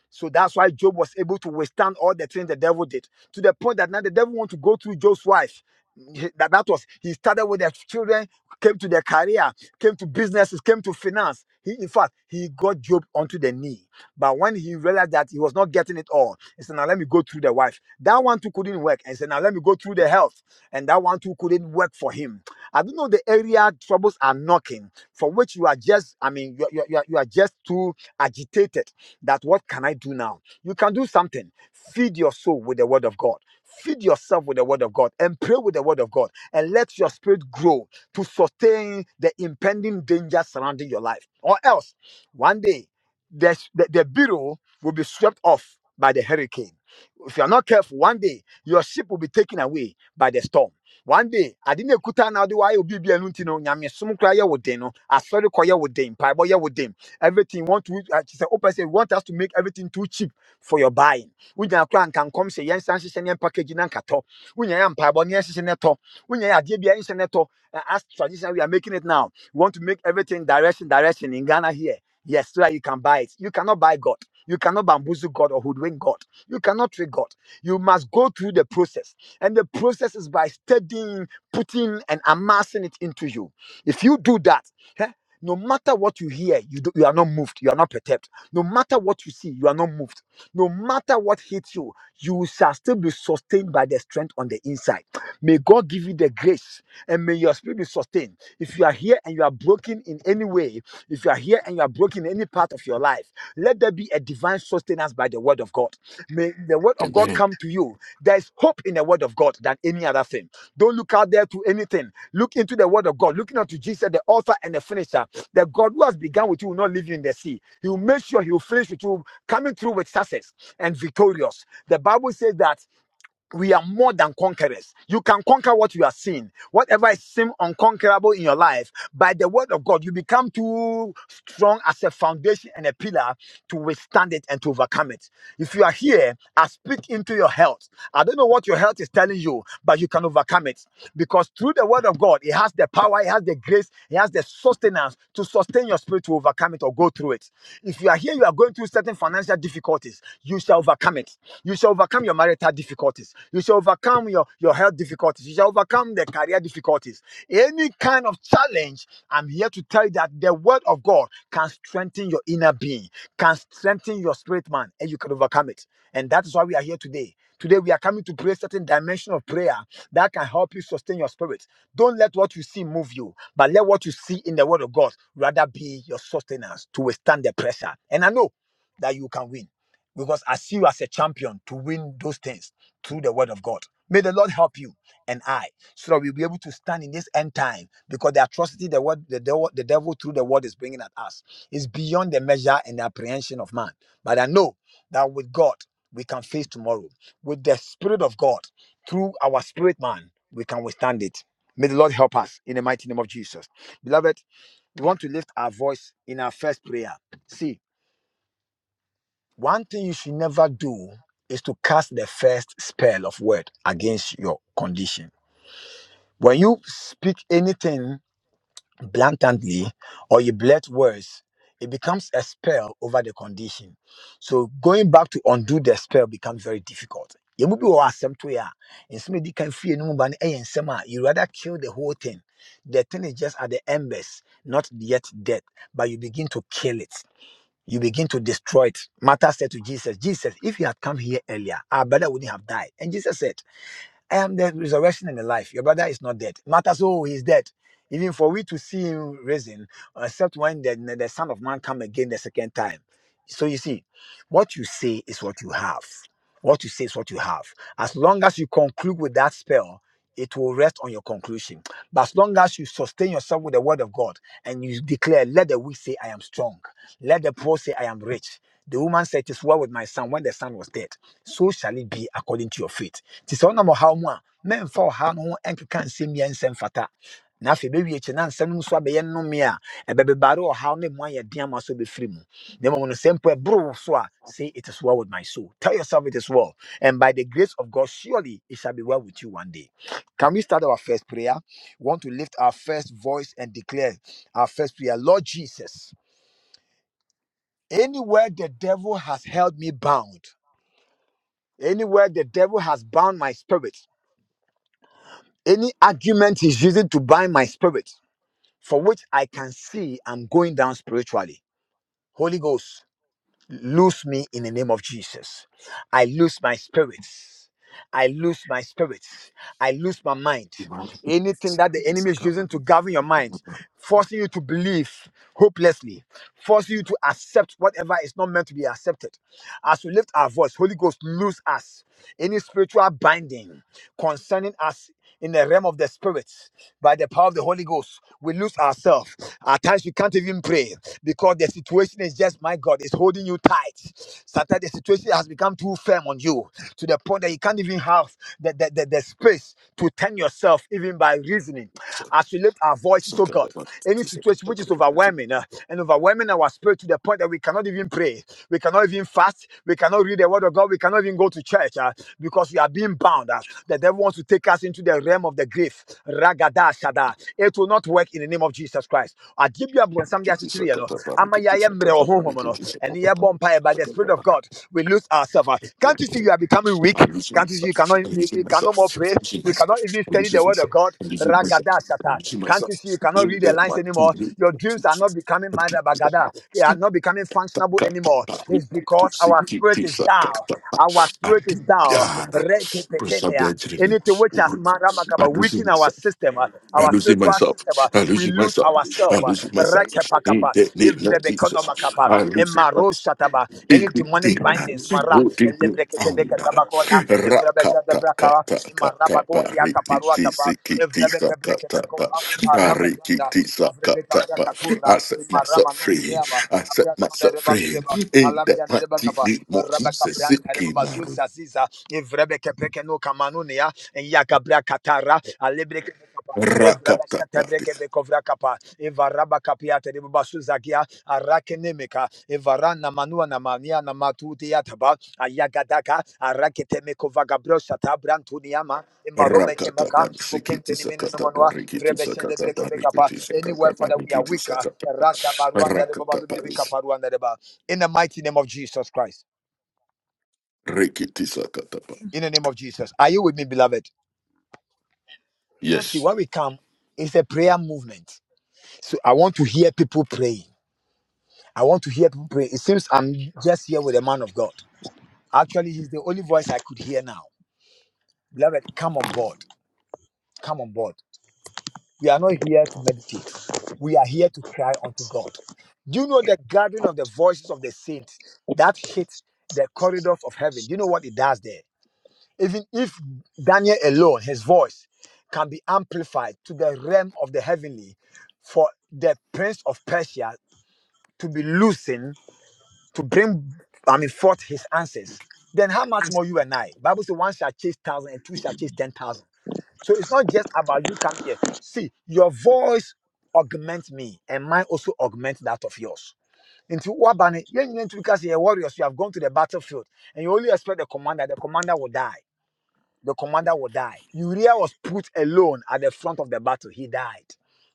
So that's why Job was able to withstand all the things the devil did to the point that now the devil want to go through Job's wife. He- That that was he started with their children, came to their career, came to businesses, came to finance. He, in fact, he got Job onto the knee. But when he realized that he was not getting it all, he said, "Now let me go through the wife." That one too couldn't work, and he said, "Now let me go through the health." and that one too couldn't work for him. I don't know the area troubles are knocking, for which you are just, I mean, you, you, you, are, you are just too agitated that what can I do now? You can do something. Feed your soul with the word of God. Feed yourself with the word of God and pray with the word of God and let your spirit grow to sustain the impending danger surrounding your life. Or else, one day, the, the, the bureau will be swept off by the hurricane. If you are not careful, one day your ship will be taken away by the storm. One day, I didn't kuta now do I will be no nyame sum kra ye wodin no. I saw the koye wodin, paibo ye wodin. Everything want to uh, she said, "Oh, person want us to make everything too cheap for your buying. Unya kra can come say yen san shishen yen package kato. Unya yan paibo yen shishen neto. Unya ya die bia As tradition we are making it now. We want to make everything direction direction in Ghana here. Yes, so that you can buy it. You cannot buy God. You cannot bamboozle God or hoodwink God. You cannot trick God. You must go through the process. And the process is by studying, putting, and amassing it into you. If you do that, eh, no matter what you hear, you, do, you are not moved. You are not perturbed. No matter what you see, you are not moved. No matter what hits you, you shall still be sustained by the strength on the inside. May God give you the grace and may your spirit be sustained. If you are here and you are broken in any way, if you are here and you are broken in any part of your life, let there be a divine sustenance by the word of God. May the word of God come to you. There is hope in the word of God than any other thing. Don't look out there to anything. Look into the word of God. Looking unto Jesus, the author and the finisher. The God who has begun with you will not leave you in the sea. He will make sure he will finish with you, coming through with success and victorious. The Bible says that we are more than conquerors. You can conquer what you are seeing. Whatever is seem unconquerable in your life, by the word of God, you become too strong as a foundation and a pillar to withstand it and to overcome it. If you are here, I speak into your health. I don't know what your health is telling you, but you can overcome it because through the word of God, it has the power, it has the grace, it has the sustenance to sustain your spirit to overcome it or go through it. If you are here, you are going through certain financial difficulties, you shall overcome overcome it. You shall overcome your marital difficulties. You shall overcome your, your health difficulties. You shall overcome the career difficulties. Any kind of challenge, I'm here to tell you that the word of God can strengthen your inner being, can strengthen your spirit man, and you can overcome it. And that is why we are here today. Today we are coming to pray certain dimension of prayer that can help you sustain your spirit. Don't let what you see move you, but let what you see in the word of God rather be your sustenance to withstand the pressure. And I know that you can win because I see you as a champion to win those things through the word of God. May the Lord help you and I, so that we'll be able to stand in this end time because the atrocity the word the devil, the devil through the word is bringing at us is beyond the measure and the apprehension of man. But I know that with God we can face tomorrow. With the Spirit of God through our spirit man, we can withstand it. May the Lord help us in the mighty name of Jesus. Beloved, we want to lift our voice in our first prayer. See, one thing you should never do is to cast the first spell of word against your condition. When you speak anything blatantly or you blurt words, it becomes a spell over the condition. So going back to undo the spell becomes very difficult. Yɛmu bi wɔ hɔ a asɛm to yɛ a, nsɛm a ɛdi kan fie no mu ba no ɛyɛ nsɛm a You rather kill the whole thing. The thing is just at the embers, not yet dead, but you begin to kill it. You begin to destroy it. Martha said to Jesus, Jesus, if you had come here earlier, our brother wouldn't have died. And Jesus said, I am the resurrection and the life. Your brother is not dead. Martha said, Oh, he's dead. Even for we to see him risen, except when the, the Son of Man come again the second time. So you see, what you say is what you have. What you say is what you have. As long as you conclude with that spell, it will rest on your conclusion. But as long as you sustain yourself with the word of God and you declare, let the weak say, I am strong. Let the poor say, I am rich. The woman said, It is well with my son when the son was dead. So shall it be according to your faith. Ti sɛ wonam ɔhaw mu a, mɛmfa ɔhaw no ho nkeka nsɛm yɛ nsɛm fata. Na afei bɛwie akyi na nsɛm no nso abɛyɛ nnome a ɛbɛbebaare ɔhaw ne mu ayɛ den ama so bɛfiri mu. Na mmom no, sɛ mpo ɛboro wo so Say it is well with my soul. Tell yourself it is well. And by the grace of God, surely it shall be well with you one day. Can we start our first prayer? We want to lift our first voice and declare our first prayer. Lord Jesus, anywhere the devil has held me bound, anywhere the devil has bound my spirit, any argument he's using to bind my spirit, for which I can see I'm going down spiritually. Holy Ghost. Lose me in the name of Jesus. I lose my spirits. I lose my spirits. I lose my mind. Anything that the enemy is using to Amen. govern your mind, forcing you to believe hopelessly, forcing you to accept whatever is not meant to be accepted. As we lift our voice, Holy Ghost, lose us. Any spiritual binding, concerning us in the realm of the spirit by the power of the Holy Ghost. We lose ourselves. At times we can't even pray because the situation is just, my God, it's holding you tight. Sometimes the situation has become too firm on you to the point that you can't even have the, the, the, the space to turn yourself even by reasoning. As we lift our voices, oh God, any situation which is overwhelming uh, and overwhelming our spirit to the point that we cannot even pray, we cannot even fast, we cannot read the word of God, we cannot even go to church uh, because we are being bound. uh, The devil wants to take us into the realm of the grave. Ragada shada. It will not work in the name of Jesus Christ. I give you a blessing. I'm losing Ama ya ya mre myself. oho homo no. And ya are pa by the Spirit of God, we lose ourselves. uh. Can't you see you are becoming weak? I'm Can't you see you cannot losing you cannot more myself. pray? Losing You myself. cannot even I'm study the losing word of myself. God. I'm losing myself. Ragada I'm shata. losing Can't you myself. see you cannot In read the that lines anymore? mighty name Your of dreams are not Jesus. becoming I'm mad keeping bagada. up. They are not becoming functionable anymore. It's because our spirit is down. Our spirit is is thou. Preserve the Reketekenea. engineering. Anything which has maramagaba I'm losing weakened our myself. system, uh, I'm our losing spiritual myself. system, uh, I'm we losing lose myself. ourselves. I'm uh, losing myself. In Rekepakapa. the name of Jesus. Ivrebekonomakapa. I'm losing myself. Emaroshataba. Any demonic Dikitina, bindings, Mara. Udibi Founder, Elebreketebeketabakona. Rakata Ivrebezadebrakara. Kata Kata barikiti Imarabagokiakaparuatapa. Sikiti Sakatapa, Ivrebekebreketekopa. Arabazanda. Parikiti Sakatapa. Ivrebekabrakatuna. I set myself free, Imaramanunineaba. I set Abrasanda myself free. rebadudeba. In that Alabia mighty name of Jesus, rebakapa. Siki Antarebabazul Maru, Zaziza, Evrebeke Pekeno Kamanunia, and Yakabra Katara, Alebreke Kapa, Rakata Pati. Tebreke Bekovra Kapa, Evaraba Kapia Terebasu Zagia, Arakenemeka, Evarana Manua Namania Namatu Diataba, Ayagadaka, Araketemeko Vagabrosha Tabrantuniama, Emarome Rakata Kemaka, Shikitu Okentenimenu Sakata Nomanua, Rikitu Vrebeshe Debreke Sakata Bekapa, rikiti anywhere, Sakata Father, we are Rikitu weaker, Sakata Rata Baruanda Reba Lubribi Rakata Kaparuanda Reba, in the mighty name of Jesus Christ Rikiti Sakata in the name of Jesus. Are you with me, beloved? See, Yes. when we come, it's a prayer movement. So I want to hear people praying. I want to hear people pray. It seems I'm just here with a man of God. Actually, he's the only voice I could hear now. Beloved, come on board. Come on board. We are not here to meditate. We are here to cry unto God. Do you know the gathering of the voices of the saints that hit the corridors of heaven? Do you know what it does there? Even if Daniel alone, his voice can be amplified to the realm of the heavenly for the prince of Persia to be loosened to bring, I mean, forth his answers, then how much more you and I? Bible says one shall chase thousand and two shall chase ten thousand. So it's not just about you coming here. See, your voice augment me, and mine also augment that of yours. Into Wabani, because you're warriors, you have gone to the battlefield, and you only expect the commander, the commander will die the commander will die. Uriah was put alone at the front of the battle. He died.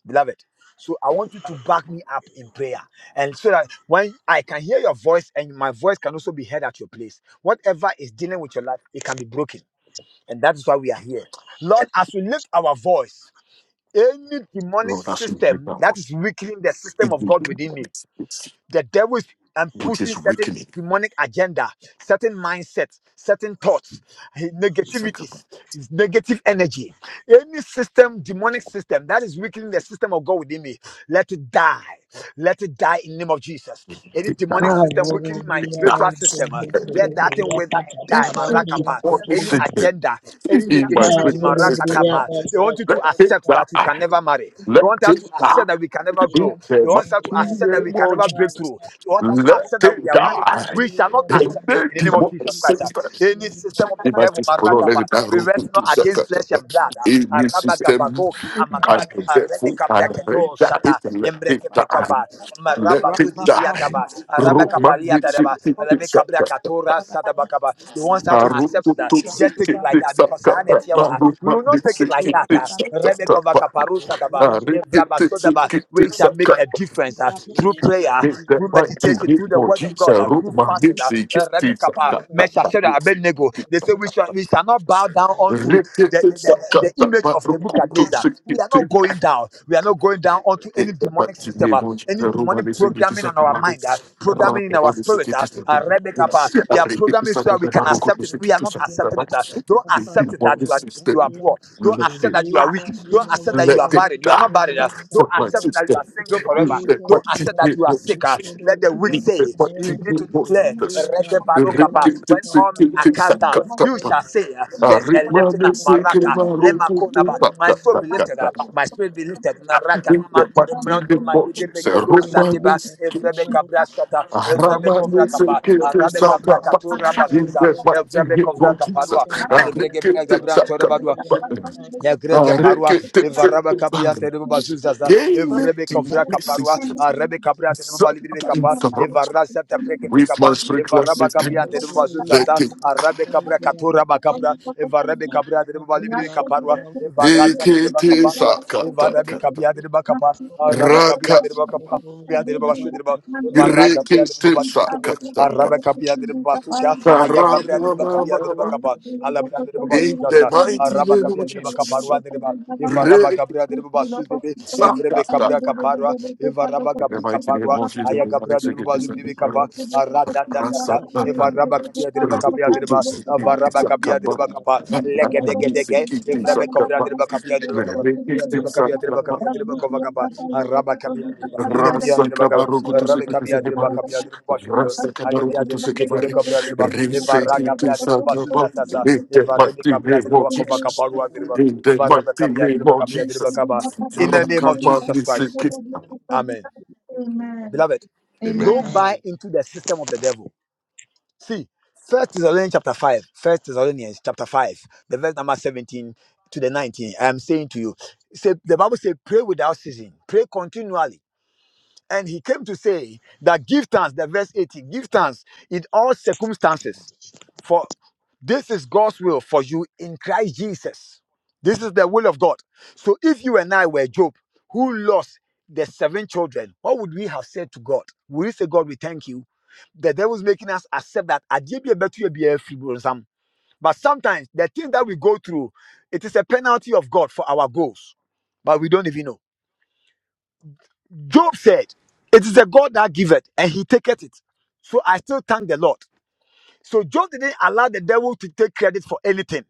Beloved. So I want you to back me up in prayer. And so that when I can hear your voice and my voice can also be heard at your place. Whatever is dealing with your life, it can be broken. And that is why we are here. Lord, as we lift our voice, any demonic Lord, I should give system that that one. is weakening the system It of will God come within on me its- its- the devil is and With pushing his certain weakening, demonic agenda, certain mindsets, certain thoughts, eh, Sakata. negativities, his negative energy. Any system, demonic system that is weakening the system of God within me, let it die. Let it die in the name of Jesus. Any demonic system weakening my It's that. spiritual system, uh, Every let that thing wither and die. Marakapa. body Any system, agenda, any in my negativity, spiritual system, marakatapa. They want you to let it accept that we can die. never marry. They Let want us it to die. accept that we can never In grow. They the want us to mighty accept that we name can of never Jesus. break through. They want us to Let accept that we it are weak. die. We shall not In accept it the in the name of demon Jesus Christ. ah. Any system of the devil, follow let Maragaba, it die. we Roku wrestle to not against flesh Sakataba. and blood. uh, In this system, Arabagabagoki Amaka, I therefore I read Arebekabriaketo that Shata, it and let it die. Embrekepekava, Let it die. Marababudidiataba, Roman it's Arabakapaliatadaba, it it's a Arebekabriakatora Satabakaba. He wants us to accept Haruku that. to seek Just take it it like that it's a because we will Roman not it's take it like it that. it's Rebekova a Kaparu They Sataba, believe Haruku that Embreke they to can seek Vrabasodaba. manage it to We it's shall do make a that. a difference They uh, through believe Lord, that prayer, they Get can that through manage to right to meditation, do through get the that. more word of Jeeps, God, I uh, through root They my fasting. Uh, believe Dixie, that uh, get more Rebecca, these up, and uh, more got that, more that to Dixie. Abednego. believe in the They say book. we shall, we shall They not bow down believe that unto they the, the, the, the image of Nebuchadnezzar. We are not going down. We are not going down onto any demonic system, uh, any demonic programming on our mind, uh, programming in our spirit. Uh, uh, Rebecca, uh, they are programming so that we can accept it. We are not accepting it. uh. Don't accept it that you are, you are poor. Don't accept that you are weak. Don't accept that you Let are it barren. You the are die not barren. uh. world and Don't for my accept that sister. you are single forever. Let my Don't teeth accept that get you are more sick. uh. Jesus. Let the the weak Let world and say, that my they we teeth begin to get more declare, Jesus. "Rete barokapa." when all men are cast down, you Rikitisikitiksakatapa. shall say, uh, There's a Hallelujah. lifting up. Maraka, lemakonaba. My soul be lifted Arimanesikemarukutupatatata. up. My spirit be lifted. Maraka, nama, Let my emra, teeth get noma, more gedebe, Jesus. godo, zadeba, evrebe, Romanesiki- kabra, shata, evrebe, govra, kapa, arabe, gabra, Aramanesikitiksakapa. kato, raba, Let my teeth evrebe, get kovra, more Jesus. kaparua, alebrege, bina, gabra, ntore, badua. Arikitisakatapa Yagreke parwa, demonic evaraba kapia terebo bazuzaza, evrebe kovra kaparwa, system. arebe kapria terebo balibribe Thank kapa, Interrupt evarasa tepreke with pekapa, my sprinkler evaraba kapia system. terebo Let bazuzaza, it arabe kabra katora bakapra, evarebe kabria terebo balibribe kaparwa, evarasa terebo ekete kaparwa, sakata evarabe kata kapia terebo kapa, araba kapia raka terebo kapa, Abafundi kapia terebo basu terebo, evara kapia terebo irekete balibribe kepe, sakata pa araba kapia terebo basuka, aya karama kapia terebo mama kapia terebo mama. kapa, alabra terebo in the bazuzaza, mighty araba name of kabia de baka Jesus. parwa de ba eva you. raba Re gabria de Thank ba de be evrebe sakata kabria pa. kaparwa eva raba In the gabri mighty name kaparwa of Jesus, aya the gabria next de week ba is du de Capa, Aradadadada, this. Evaraba Kabia Driba Kabia Driba, Avaraba Kabia Driba Kapa, Legedegedege, Evrebe Kovia Driba Kabia Driba Kapa, Mia Driba Kabia Driba Kabia Driba Kova Kapa, Inemia Rasa Driba Kapa, kabaro kutu Rabe seki Kabia Driba sekebare, Kabia Driba Bashi Driba, rasa Alebia kabaruku tu seki Driba Kebe kutu sekebare, Kabia Driba, rise Evara kete sakaba, in Sasa, the Evarebe mighty name Kabia of Driba Jesus, you. in the Evaraba mighty Amen. Kabia name Driba of Kabia Driba Jesus, Kapa. In the name of Jesus rakamani Christ, sekete. Amen. Jesus. Beloved, Amen. don't Amen. Amen. buy into the system of the devil. See, First Thessalonians chapter 5, First Thessalonians chapter 5, the verse number 17 to the 19. I am saying to you, say the Bible says, pray without ceasing, pray continually. And he came to say that give thanks, the verse 18, give thanks in all circumstances, for this is God's will for you in Christ Jesus. This is the will of God. So if you and I were Job, who lost the seven children, what would we have said to God? Would we say, God, we thank you? The devil's making us accept that "Adeɛ bi a ɛbɛto yɛ biara firi wo nsam." but sometimes the things that we go through, it is a penalty of God for our goals, but we don't even know. Job said, It is the God that giveth, and he taketh it. So I still thank the Lord. So Job didn't allow the devil to take credit for anything.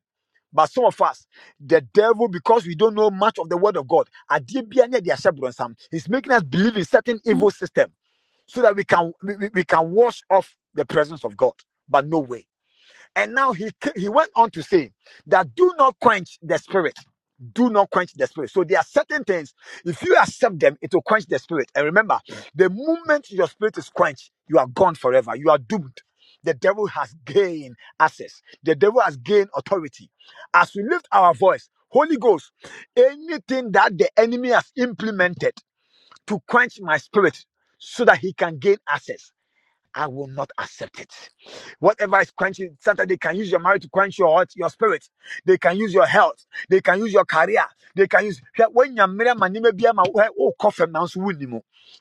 But some of us, the devil, because we don't know much of the word of God, adeɛ biara ne yɛde ahyɛ borɔnsam. he's making us believe in certain evil system so that we can we, we we can wash off the presence of God. But no way. And now he he went on to say that do not quench the spirit. Do not quench the spirit. So there are certain things. If you accept them, it will quench the spirit. And remember, the moment your spirit is quenched, you are gone forever. You are doomed. The devil has gained access. The devil has gained authority. As we lift our voice, Holy Ghost, anything that the enemy has implemented to quench my spirit so that he can gain access I will not accept it. Whatever is quenching, sometimes they can use your marriage to quench your heart, your spirit. They can use your health. They can use your career. They can use when woanya mmerɛ ama nneɛma bi ama wo- wo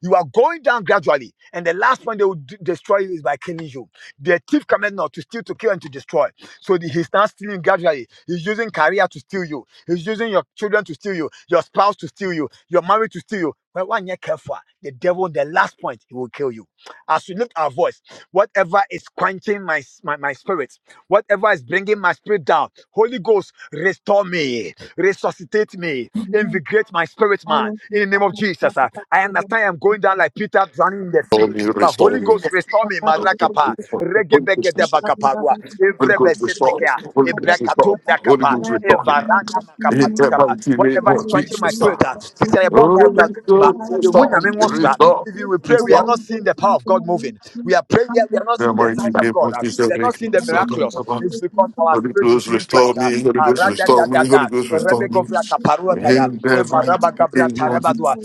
You are going down gradually, and the last one they will destroy you is by killing you. The thief cometh not to steal, to kill, and to destroy. So the, he's now stealing gradually. He's using career to steal you. He's using your children to steal you, your spouse to steal you, your marriage to steal you. But when you're careful, the devil, the last point, he will kill you. As we lift our voice, whatever is quenching my, my, my spirit, whatever is bringing my spirit down, Holy Ghost, restore me, resuscitate me, Amen. invigorate my spirit, All man. of us In the name that of have Jesus, come ah, back I to the Lord, understand I'm the going down like Peter drowning in the sea. Holy me, But restore Holy me. Ghost, restore me, Father, of the Marakapa, Holy Ghost Regebegede restore me. Lord, Bakaparua, and Holy Lord, and Ghost we restore Evrebezetekea, me. Holy Lord, and Ghost Ebrakatu restore me. Holy Brakapa, Lord, Ghost I just restore me. want to Evarana In Lord, that and Makapalutaba, mighty name whatever is Lord, of and quenching Jesus. my we spirit, Restore, ah, Lord, and since I bomb Lord. restore, pipe, Father, I want to thank you, Lord, and restore, if even we pray, Lord, we are restore. not and we seeing the power of God moving. We are Lord. praying, Come yet we are not In the seeing the mighty signs of name God. of uh, We Jesus. are we not can seeing be the talking miraculous. about It's because Lord. our Holy spirit is Ghost, being restore quenched. uh, me. Holy Thank uh, Ghost, restore me. ra-da-da-da-da, Holy Ghost, restore me. rebe-govra kaparuatara, In the mighty name of eva-raba-gabra-tarabadua, Jesus.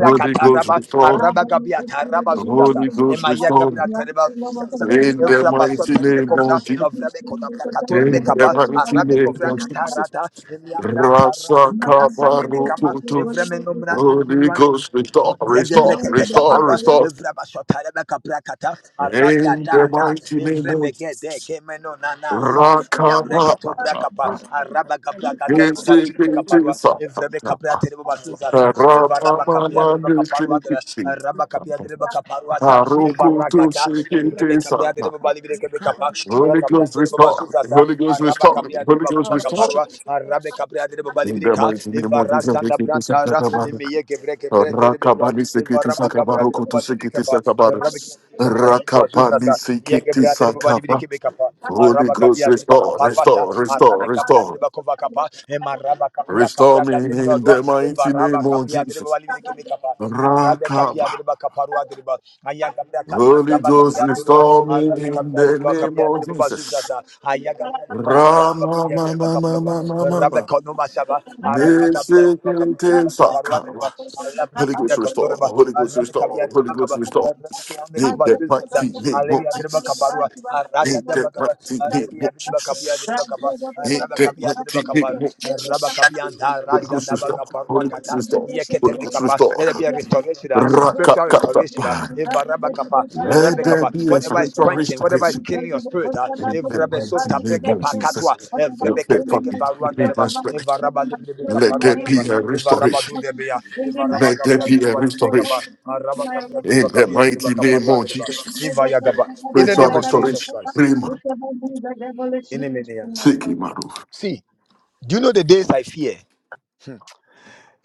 Holy Ghost, restore me. araba-gabia-taraba-zuzasa, Holy Ghost, restore me. emaya-gabra-taraba-zuzasa, In the mighty name evra-baso-tarebe-govra, of Jesus. In the avrame-kodabra-katorebe-kapa, mighty name of Jesus. arabe-govra-katarata, emia-brantara, Rasa rasa-nebe-kama, kabaru Holy evreme-nomra-nanemenuan, Ghost, restore, restore, Yegebreketeke restore, parwa, restore. evrabashotare bekabrakata, In the aradadada, mighty name of evrebegede Jesus. kemeno nanasa, Rakaba. yebreketo brakapa, arabagabragadere bobalibirimi kaparwa, GCPT. evrebekabratere bobasuzaza, Ramama evarabakapiadere bekaparwadere, Nusikiti. arabakapiadere bekaparwata, Aruku to evarakata, Sikiti. evrebekabriadere Sakataba. bobalibirikebekapa, Holy Ghost, meyakabriadere restore. bobazuzaza, Holy Ghost, restore. arabakapiadere Holy Ghost, kova restore. kaparwa arabe kapre adere babali In the bireka mighty name of evara sanda brantara Jesus. emeye gebre gebre dere bedwa Rakabani sekiti evara bakabra adere sakabaroko to babali bireka sekiti pa sakabar. arabe you. kamiyandiri Rakabani bazuzasa sekiti sakaba. Thank Holy araba Ghost, gabia adere restore, bakaparwa restore, restore, arabe kapre adere restore. bakova kapa emaraba kapia kapre Restore me adere in badwa the mighty evara name of bakapia adere Jesus. babali arabe kapia Rakaba. adere bakaparwa adere ba Ayaka kata Holy raba Ghost, kapya durba restore me driba, in kapya the driba Thank name kapya of Jesus. bazuzaza aya kapya durba kapya durba Rama kapya durba mama kaparwa mama raba mama. kono masaba araba kapya durba kapya Nesekete durba kaparwa durba sakaba. allah Holy preke Ghost, driba. restore. kotorba Holy Ghost, arabi kapya restore. Holy durba kaba Ghost, restore. arabi ke andurba In the bazuzaza mighty name alevi of durba Jesus. kaparwa araga Ain't durba that kaba right? Ain't that driba. what durba kapya Jesus? durba kaba Ain't raba that kapya right? durba Ain't kapar that what raba you. kapya Holy Ghost restore. Holy Ghost The restore. Holy Ghost restore. let there be a restoration, uh, spiritual Rakakata. restoration. uh, Let there be a Whatever is spiritual quenching, whatever is restoration. killing your spirit, uh, Ain't that mighty name of Jesus? Let that fucking be my spirit. Let there be a restoration. Let there be a restoration. In the mighty name of Jesus. In the Spiritual name of Jesus restoration. Christ. Prima. devil is In the used name. in my Siki spirit. Maru. See, do you know the days I fear?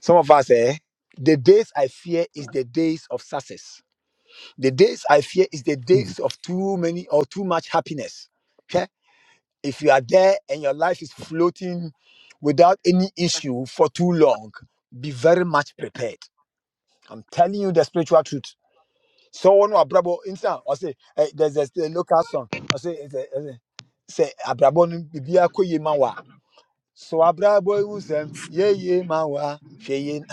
Some of us, eh? The days I fear is the days of success. The days I fear is the days of too many or too much happiness. Okay? If you are there and your life is floating without any issue for too long, be very much prepared. I'm telling you the spiritual truth. Someone who abrabo insa or say eh, there's a, a local song. I say, eh, eh, eh, say abrabo no bibia koye so abrabo ihu sɛm, ye ye ma wa, hwɛ ye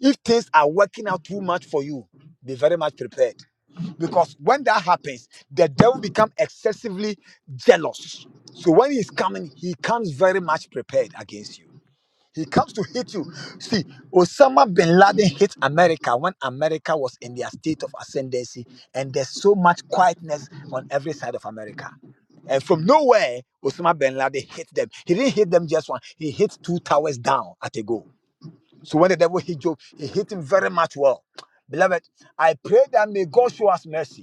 if things are working out too much for you, be very much prepared. Because when that happens, the devil become excessively jealous. So when he's coming, he comes very much prepared against you. He comes to hit you. See, Osama bin Laden hit America when America was in their state of ascendancy, and there's so much quietness on every side of America and from nowhere, Osama bin Laden hit them. He didn't hit them just one, he hit two towers down at a go. So when the devil hit Job, he hit him very much well. Beloved, I pray that may God show us mercy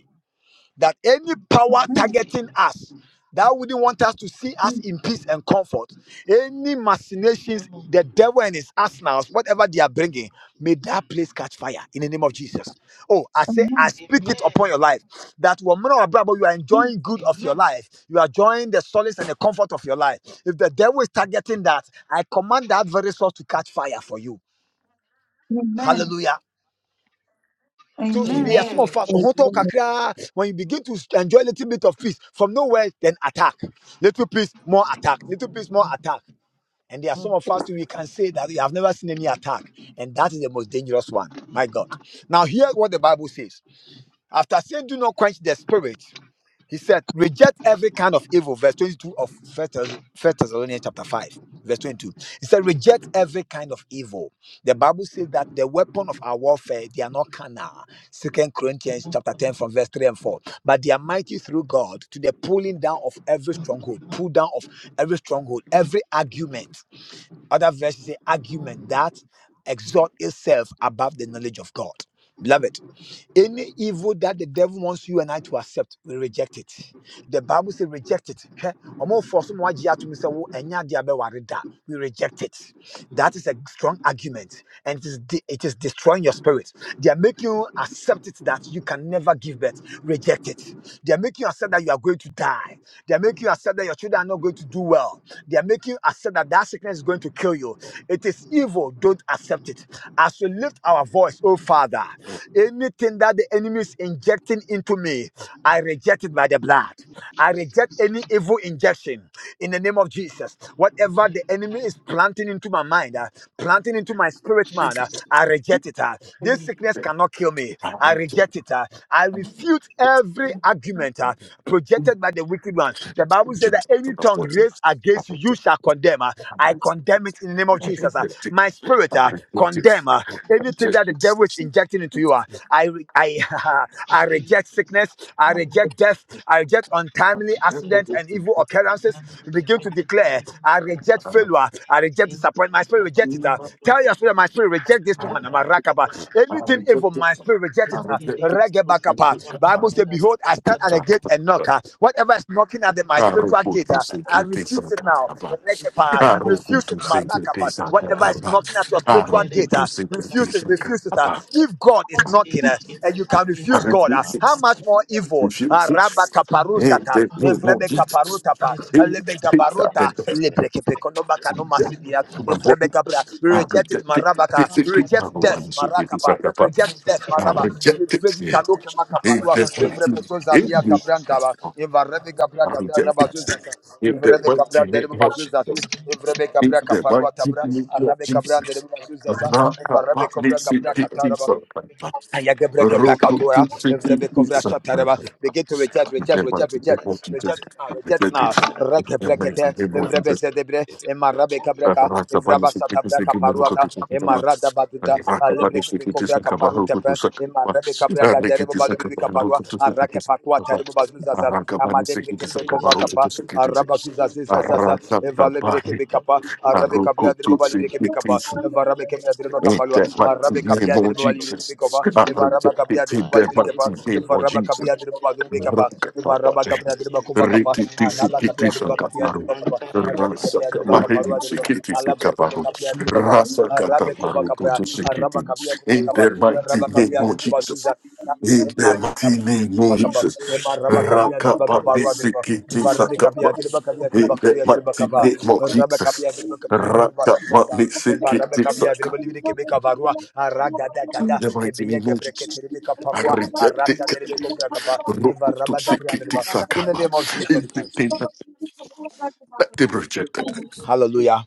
that any power Amen. targeting us that wouldn't want us to see us in peace and comfort, any machinations, the devil and his arsenals, whatever they are bringing, may that place catch fire in the name of Jesus. Oh, I say, I Amen. speak Amen. it upon your life that woman or brother, you are enjoying good of your Amen. life. You are enjoying the solace and the comfort of your life. If the devil is targeting that, I command that very source to catch fire for you. Amen. Hallelujah. So see, Amen. there are some Amen. of us who talk Amen. kakra. when you begin to enjoy a little bit of peace from nowhere, then attack. Little peace, more attack. Little peace, more attack. And there are Mm, some of us too, we can say that we have never seen any attack. And that is the most dangerous one. My God. Now, hear what the Bible says. After saying, do not quench the spirit. He said, reject every kind of evil, verse 22 of First Thess- 1 Thessalonians chapter 5, verse 22. He said, reject every kind of evil. The Bible says that the weapon of our warfare, they are not carnal. Second Corinthians mm, chapter 10 from verse 3 and 4. But they are mighty through God to the pulling down of every stronghold, pull down of every stronghold, every argument. Other verses say argument that exalt itself above the knowledge of God. Beloved, any evil that the devil wants you and I to accept, we reject it. The Bible says reject it. Hwɛ, ɔmo force no wagye ato mu sɛ wo ɛnyɛ adeɛ a ɛbɛware da. We reject it. That is a strong argument, and it is de- it is destroying your spirit. They are making you accept it that you can never give birth. Reject it. They are making you accept that you are going to die. They are making you accept that your children are not going to do well. They are making you accept that that sickness is going to kill you. It is evil. Don't accept it. As we lift our voice, oh Father, anything that the enemy is injecting into me, I reject it by the blood. I reject any evil injection in the name of Jesus. Whatever the enemy is planting into my mind, uh, planting into my spirit, man, uh, I I reject it. ah. This sickness cannot kill me. I reject it. ah. I refute every argument ah, projected by the wicked one. The I Bible says that any tongue raised against you, you shall condemn. ah. I condemn it in the name of Jesus. ah. mm. My spirit ah, condemn ah, anything that the devil is injecting into you. ah. I re- I I Jesus. reject sickness. I Mm, reject death. I reject untimely Jesus. accidents and evil occurrences. Amen. we can Begin to make it to the declare. end I. I of the reject bucket. failure. I reject Into disappointment. My the spirit cover, reject it. uh. send the book Tell of your the spirit, my sea. spirit reject this Behind one. that, I'm a I'm a cat, rakaba. that I'm a Anything evil, baby. my spirit reject it. Bring uh. the day, people say, Thank Regebakapa. behind that, Bible says, I'm a Behold, cat, I stand that at I'm the gate a- and knock. uh. Whatever is knocking at Book the, my to the spiritual cat, I'm gate, a uh, cat, I'm a I book to refuse it book now. to the sea. It's a Rekepa. bucket, I'm Refuse a it, cat. marakapa. I'm tired of Whatever is pushing knocking the at your button, spiritual there, there, gate, uh, there, there, refuse it, there, refuse it. uh. there. If God is knocking Entire uh, and you campus can refuse ima God, uh, refuse mama how mama it. much more evil? If you Uh, teach, Raba and kantara kaparusata, there is no evrebe bakara Jesus. kaparuta pa, ere Any bekete alebe that gabaruta, can bekendere lebreke bekete pekonoba kanoma subject sidia, to entara my evrebe body, kantara gabra. I Reject it, campus reject it. ima marabaka. This is it, mama Reject number one. death, So it is marakapa. like a part. ere Reject death, I bekete maraba. bekendere reject Refregi it. kano kema bekete In kapadua, barabara ba evrebe zoza dia entara tabrantaba, the bakara buru evrebe gabra I hendere gata reject raba it. bekara zoza sa, In the evrebe endere kabra mighty derbe name of campus ima mazoza di, bekete Jesus. bekendere evrebe In gabra the bekete kaparua mighty tabra, name bakara of arabe kabra Jesus. derbe mazoza sa, Raka evrebe Patli kovra basanda gabra Sikiti campus kataraba, Sakana. Ayagebreke bekete Roku pakatora, to Sikiti evrebekovra Sakana. shatareba. Begin to reject, In reject, the reject, mighty reject, name of Jesus. reject it now, I reject it reject now. it. In the mighty Rekebrekete, name of evrebe Jesus. zedebre, emarabe kabreka, evraba shatabreka paruata, emarada baduda, alebreke bekovra kaparutepe, emarabe kabrega derebo balubiri kaparua, arake pakua terebo bazuzaza, amadebreke pekova kapa, zazazazaza evale bireke bekapa arabe kapya dire baba Thank bireke you. bekapa evarabe Amen. kapya dire baba In kapalwa the mighty arabe name kapya dire of baba bireke Jesus, bekapa I evaraba reject kapya it dire in baba the bireke pa mighty name of evaraba Jesus. kapya dire baba bireke kapa evaraba Rakatapate, kapya dire baba kova kapa rikiti araba kapya sikiti dire baba kapya dire sakataru, baba kapa arabe Rasa kapya dire baba kaparwa kaparini dire baba sikiti ala bireke sikaparu, bekapya dire baba kapa rasa arabe Rikitisikitisakataru. Rasakaparinisikitisikabaru. kova kapa Rasakatabarukutusikiti. araba kapya dire baba In kapa the mighty araba name kapya of dire baba Jesus. zuza In the mighty name of Bakapa, Jesus. you. Emaraba Capia Driba Caparua Driba, Varabi Capia Rakaparinisikitisakat- Driba Capia In Driba the Capia Driba mighty name of Jesus. Rakamanisiki Aragada Gata, mighty Ebia name of Gebreke Jesus. Ribica I reject it. Arasa de Ribeco Rokutu shikiti Driba. In the sakaba. name of Jesus Christ. Anything that they rejected. Hallelujah.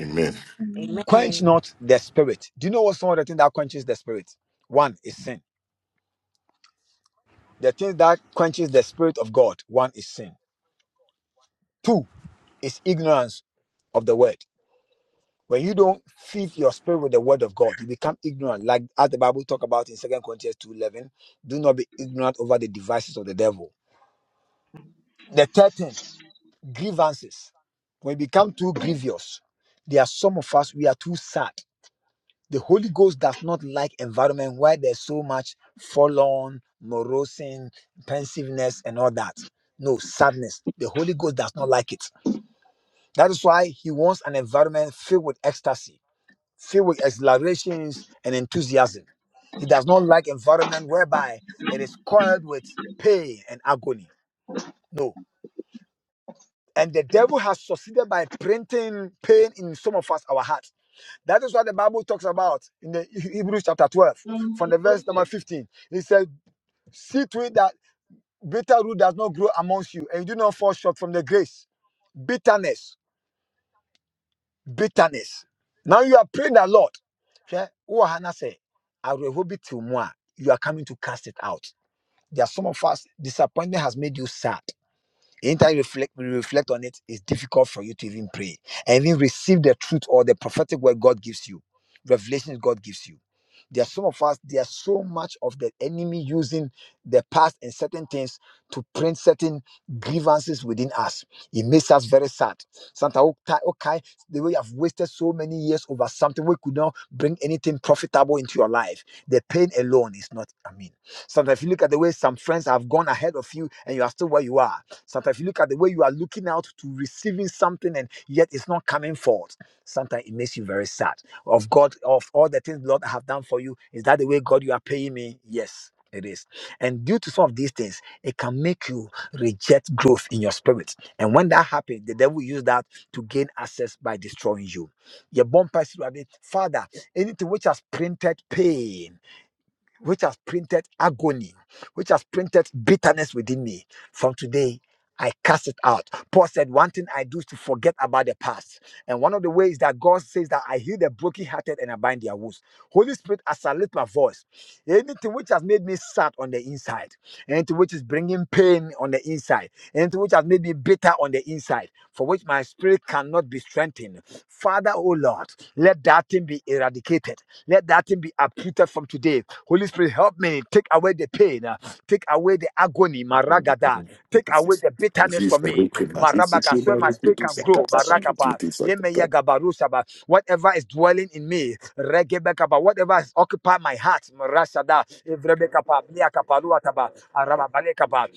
Amen. Amen. Quench not the spirit. Do you know what some of the things that quenches the spirit? One is sin. The thing that quenches the spirit of God, one is sin. Two is ignorance of the word. When you don't feed your spirit with the word of God, you become ignorant. Like as the Bible talk about in Second Corinthians 2.11, do not be ignorant over the devices of the devil. The third thing, grievances. When we become too grievous, there are some of us, we are too sad. The Holy Ghost does not like environment where there's so much forlorn, morosing, pensiveness, and all that. No, sadness. The Holy Ghost does not like it. That is why he wants an environment filled with ecstasy filled with exhilarations and enthusiasm. He does not like environment whereby it is coiled with pain and agony. No. And the devil has succeeded by printing pain in some of us, our hearts. That is what the Bible talks about in the Hebrews chapter 12, from the verse number 15. It says, See to it that bitter root does not grow amongst you, and you do not fall short from the grace. Bitterness, bitterness. Now you are praying that Lord, hwɛ, wo wɔ ha na sɛ awerɛhoɔ bi te wo mu a, you are coming to cast it out. There are some of us, disappointment has made you sad. Anytime you reflect, you reflect on it, it's difficult for you to even pray and even receive the truth or the prophetic word God gives you, revelations God gives you. There are some of us, there are so much of the enemy using the past and certain things to print certain grievances within us. It makes us very sad. Sometimes, okay, okay, the way I've wasted so many years over something, we could not bring anything profitable into your life. The pain alone is not, I mean, Sometimes if you look at the way some friends have gone ahead of you and you are still where you are. Sometimes you look at the way you are looking out to receiving something and yet it's not coming forth. Sometimes it makes you very sad. Of God, of all the things Lord I have done for you, is that the way God you are paying me? Yes. It is. And due to some of these things, it can make you reject growth in your spirit. And when that happens, the devil use that to gain access by destroying you. Your bomb Father, anything which has printed pain which has printed agony, which has printed bitterness within me, from today I cast it out. Paul said, One thing I do is to forget about the past. And one of the ways that God says that I heal the brokenhearted and I bind their wounds. Holy Spirit, as I lift my voice, anything which has made me sad on the inside, anything which is bringing pain on the inside, anything which has made me bitter on the inside, for which my spirit cannot be strengthened. Father, oh Lord, let that thing be erased eradicated. Let that thing be uprooted from today. Holy Spirit, help me. Take away the pain. uh, Take away the agony. Maragada. Take away the bitterness Jesus, from me. Rukutu Marabaka. So my spirit shikiti can grow. sakata. Marakapa. Sakiti Lemeya Sakata gabarusaba. Whatever is dwelling in me. Regebekaba. Whatever has occupied my heart. Marasada. Evrebekapa. Miakapaluataba. Arababalekaba.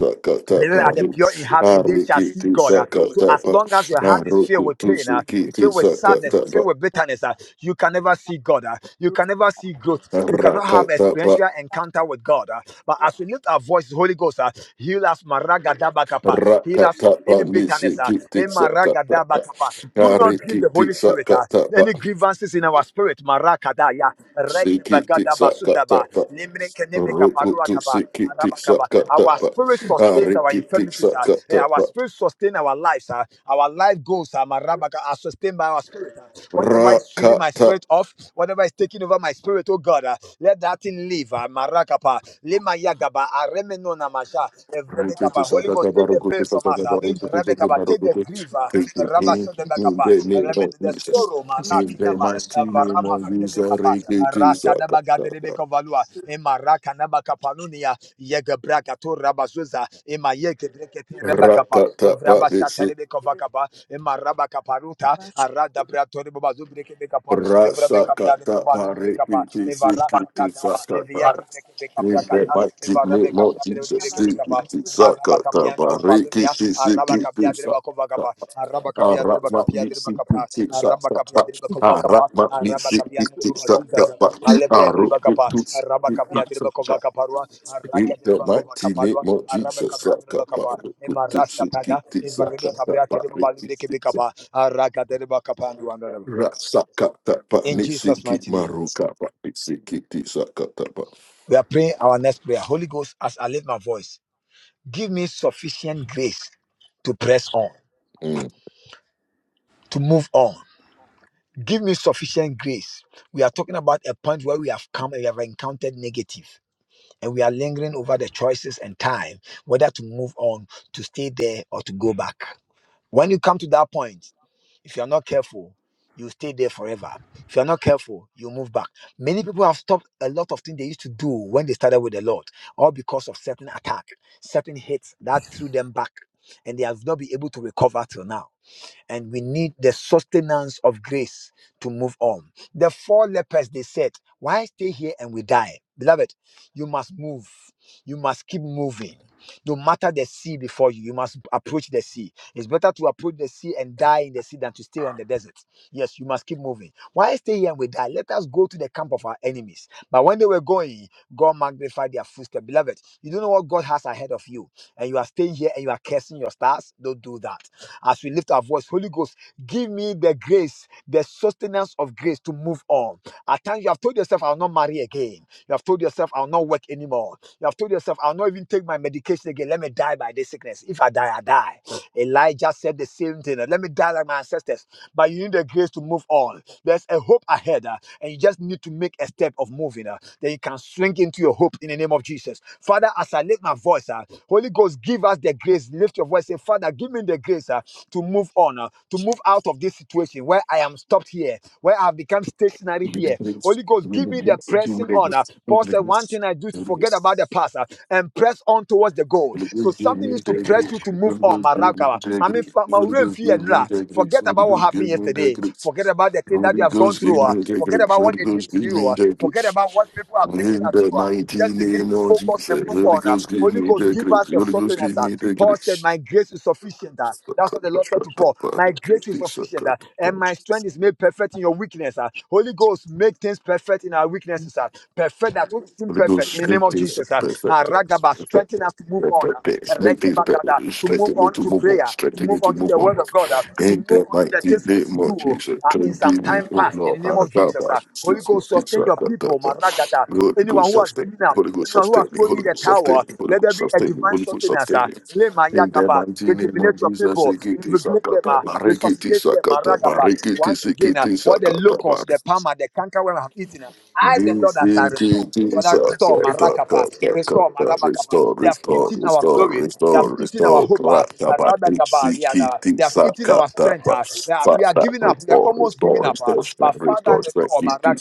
Sakata, Blessed are the paru. pure in heart, for they shall see Arikiti God. uh. So sakata as pa. long as your heart is filled with Arukutu pain, uh, shikiti filled with sadness, sakata filled with bitterness, uh, you can never see God. uh. You can never see growth. You cannot have Rakata experiential encounter with God. uh. But as we lift our voices, Holy Ghost, uh, heal us, maragadabakapa. Heal us of Rakata any bitterness. uh, Nisikiti eh, sakata maragadabakapa. Do not give the Arikiti Holy Spirit uh, sakata any grievances in our spirit, marakadaya. Regi Siki tik bagadaba sak kat tak sudaba. Limne keneme Roku kaparua tu taba. siki tik Araba sak kaba. kat tak Our pak. spirit sustains our Ariki tik infirmities. sak ah. kat Eh, tak Our pak. spirit sustains our lives. ah. Our life goals ah, maraba ka- are sustained by our spirit. ah. Whatever Ra is sweeping kat my spirit off, whatever is taking over my spirit, oh God, ah, let that thing leave. ah, Marakapa. Lema yagaba. Aremeno namasha. Evrebekaba. sak Holy kat Ghost, tak take the Roku tu pain sak from kat us. tak ah. Roku tu sak kat tak Rebekaba, pak. Take Roku the tu. grief griva, Thank you, King. In Rabasodebekapa, the name of Rebede de Jesus. Soro, In the Marakinaba, mighty name Varama of sunde Jesus. bakapa Riki tik rasa sak de kat Sunemekapa, tak pak. Rasadabagadebekavalua, Emarakanabakapalunia, Yegebrakato Rabazuza, Emayekebrekete Ra Rebakapa, Evrabashatarebekavakapa, Emarabakaparuta, Aradabratorebabazubrekebekapa, Rasa kata pare Evrabekabradebabazubrekapa, kiki si kiki sakata. In Evarasatata, the mighty Evarabe name of kapiandre odibire Jesus, kebeka kiki sakata pare baludia. kiki si Araba kiki kapiandre sakata. bakova kaba. Araba kapiandre Arama bakapiandre nisi bakapa. kiki Araba sakata. kapiandre bakova kapa. Arama Araba nisi kapiandre kiki babazuza za. sakata. Alebre andre Aruku bakapa. tu Araba kiki kapiandre bakova sakata. kaparwa. Araka In andre the bakova mighty name of Jesus, sakata. Aruku tu Emarasa kiki pada. Evarabe sakata kapiandre pare babalibire kebeka kiki ba. Araka andre bakapa Rasakatapa In Jesus' nitsiki mighty name. marukapa nitsiki tisakatapa. We are praying our next prayer. Holy Ghost, as I lift my voice. Give me sufficient grace to press on, Mm. to move on. Give me sufficient grace. We are talking about a point where we have come and we have encountered negative, and we are lingering over the choices and time whether to move on, to stay there, or to go back. When you come to that point, if you're not careful, you stay there forever. If you're not careful, you move back. Many people have stopped a lot of things they used to do when they started with the Lord, all because of certain attack, certain hits that threw them back, and they have not been able to recover till now and we need the sustenance of grace to move on. The four lepers, they said, Why stay here and we die? Beloved, you must move. You must keep moving. No matter the sea before you, you must approach the sea. It's better to approach the sea and die in the sea than to stay on the desert. Yes, you must keep moving. Why stay here and we die? Let us go to the camp of our enemies. But when they were going, God magnified their footsteps. Beloved, you don't know what God has ahead of you, and you are staying here and you are cursing your stars. Don't do that as we lift our voice, Holy Ghost, give me the grace, the sustenance of grace to move on. At times you have told yourself, I'll not marry again. You have told yourself, I'll not work anymore. You have told yourself, I'll not even take my medication again. Let me die by this sickness. If I die, I die. Elijah said the same thing. Let me die like my ancestors. But you need the grace to move on. There's a hope ahead, uh, and you just need to make a step of moving. uh, Then you can swing into your hope in the name of Jesus. Father, as I lift my voice, uh, Holy Ghost, give us the grace. Lift your voice. Say, Father, give me the grace uh, to move on, uh, to move out of this situation where I am stopped here, where I've become stationary We the here. grace, Holy Ghost, we give the me the grace, give me pressing the honor. grace, give me Paul the said, One grace, thing I do is give to me forget about the past uh, and press on towards the goal. So something needs to the press you to grace. move on oh, Holy Ghost, give Maragaba. me the Mami fa- grace. ma Holy Ghost, urenfi give me enra. the grace. Forget Holy about Ghost, what happened give me the yesterday. Forget grace. about the thing that you Holy have gone Ghost, through. give me the grace. Holy Ghost, give me ah. the Forget grace. about what Holy they did Ghost, give to you. me ah. the Forget grace. about what people are bringing In at you. the ah. mighty Just begin to name of focus and Jesus, move Holy on. ah. Ghost, give Holy me Ghost, the give us grace. the Holy Ghost, sustenance. give ah. me the Paul said, grace. My grace is sufficient. ah. That's what the Lord said to Paul. My grace is sufficient. ah, And my strength is made perfect in your weakness. ah. Holy Ghost, make things perfect in our weaknesses. ah. Perfect that which is Holy perfect in Ghost, the name make of this Jesus. ah. Ah, perfect, Ragaba, perfect, strengthen us to move on. ah. perfect, days. make this Regabagada better, to move strengthen me on to to move on, prayer, to strengthen me move to on to move the on. word of God, uh, to Ain't move that on to the mighty things we need to name of do Jesus, uh, in some strengthen me, time oh past. In the Lord, name I of got my Jesus, uh, Holy six, Ghost, six, six, sustain I your got that people, Maragata. one. Holy Anyone Ghost, who has sustain given me, up, Holy Ghost, anyone who sustain has me, thrown Holy in the Ghost, towel, sustain uh, me, Holy let Ghost, there be a sustain me, divine Holy Ghost, sustenance. Uh, sustain me. Lema In the Yagaba, mighty name of rejuvenate your Jesus, people, Sikiti invigorate them, Sakata, uh, Barikiti resuscitate them, Sakata, Maragaba. Barikiti Once again, uh, Sikiti what the Sakata, locusts, the palmer, the cankerworm have eaten, uh, I, Restore, the Lord, that shall restore, restore. Father, restore Marakapa. restore my They have restore, eaten our glory. They have restore, eaten our restore, hope. ah. Rata Arabagaba, Badixi They are- Kitty they have eaten our Sakata strength. ah. They are- We are Fata, giving up. We are restore, almost restore, giving up. ah. restore, strength, But Father, restore, strength, restore my Kitty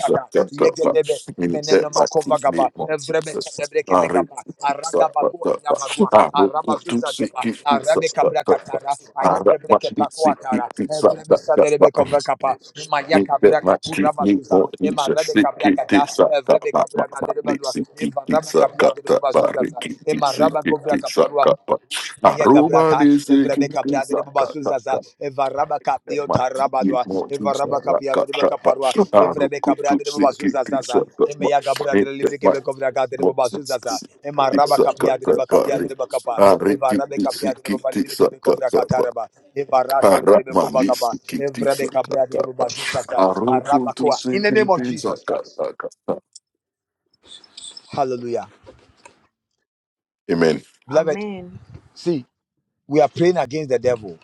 Yegedebe, Sakata, in that emenenomoko Bakis vagaba, name of Jesus. I evrebesatebrekebekapa. repeat, Aragabako Yabagua, Sakata, I Arabazuza Geba, Arabe Cabra Catara, Ayegebre Kepacoatara, Evrebe Saderebeco Vacapa, Maya Need that Cabra my Catura street, need Bazuza, more each Emma a Rabe sick Cabra kid, Gata, dick suck, got Evrebe my my Cabra my dick, Gaderebadua, sick kid, Eva dick Rabba suck, Cabra got de that my Bazuza, ricky, dick Emma sick Rabba kid, Govra dick suck, Caparua, got my my Roma, Ayagabraka, dick sick kid, Evrebeka dick Bradre suck, got that Babasuzaza, got Evarabaka that my teeth, need Biotarabadwa, more juice, that Evarabaka I got Piadrebeka that my Parwa, my Evrebeka ruku, dick Bradre sick kid, dick Babasuzaza, suck, got my Emeyaga need Bradre that Librike my de more Babasuzaza, juice, dick Emarabaka suck, got Piadre that Bakapiadre Bakapa, my ricky, Evarabeka dick sick Piadre kid, dick Babalibrike suck, got Bekovraga Taraba, Evarasa de Aramani Bekovagaba, sikiti Evrebeka Bradre sakataka. Babasuzaza, Aroku tu Arabakoa. In the name of sikiti Jesus Christ. sakataka. Hallelujah. Amen. Beloved, see, we are praying against the devil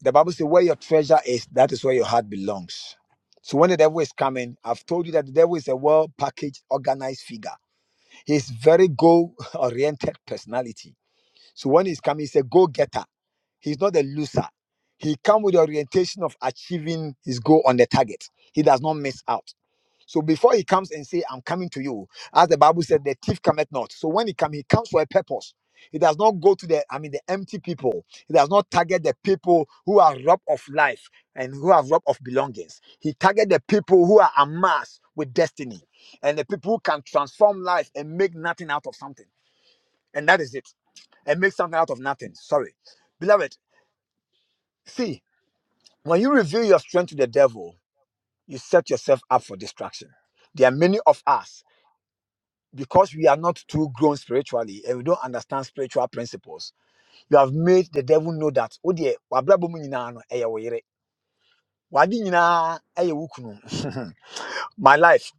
The Bible says, where your treasure is, that is where your heart belongs. So when the devil is coming, I've told you that the devil is a well packaged, organized figure. He's very goal oriented personality. So when he's coming, he's a go getter. He's not a loser. He comes with the orientation of achieving his goal on the target. He does not miss out. So before he comes and say, I'm coming to you, as the Bible said, the thief cometh not. So when he comes, he comes for a purpose. He does not go to the, I mean, the empty people. He does not target the people who are robbed of life and who are robbed of belongings. He target the people who are amassed with destiny and the people who can transform life and make nothing out of something. And that is it. And make something out of nothing. Sorry. Beloved, see, when you reveal your strength to the devil, you set yourself up for destruction. There are many of us. because we are not too grown spiritually and we don't understand spiritual principles, you have made the devil know that oh dear, wabrabo mu nyinaa no ɛyɛ wo yere. W'ade nyinaa ɛyɛ wo kunu." my life,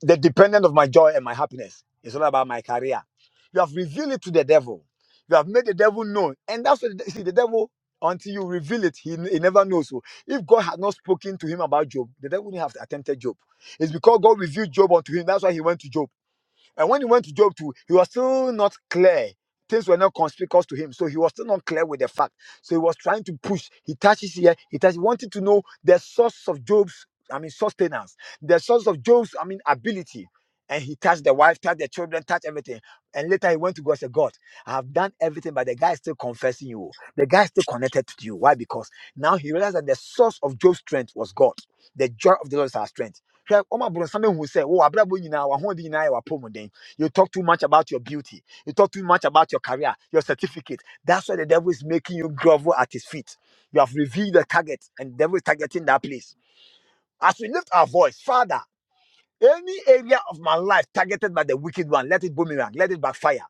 the dependent of my joy and my happiness, is all about my career. You have revealed it to the devil. You have made the devil know, and that's what you see the devil. Until you reveal it, he, he never knows. So, if God had not spoken to him about Job, the devil wouldn't have attempted Job. It's because God revealed Job unto him. That's why he went to Job. And when he went to Job too, he was still not clear. Things were not conspicuous to him. So he was still not clear with the fact. So he was trying to push. He touches here. He touches, wanted to know the source of Job's, I mean, sustenance, the source of Job's, I mean, ability. And he touched the wife, touched the children, touched everything. And later he went to God and said, God, I have done everything, but the guy is still confessing you. The guy is still connected to you. Why? Because now he realized that the source of Job's strength was God. The joy of the Lord is our strength. Hwɛ, ɔmo aborɔnsam ehu sɛ, “Wo, w'abrabɔ nyinaa, w'ahoɔden nyinaa yɛ w'apɔwmuden.” You talk too much about your beauty. You talk too much about your career, your certificate. That's why the devil is making you grovel at his feet. You have revealed the target, and the devil is targeting that place. As we lift our voice, Father, any area of my life targeted by the wicked one, let it boomerang, let it backfire.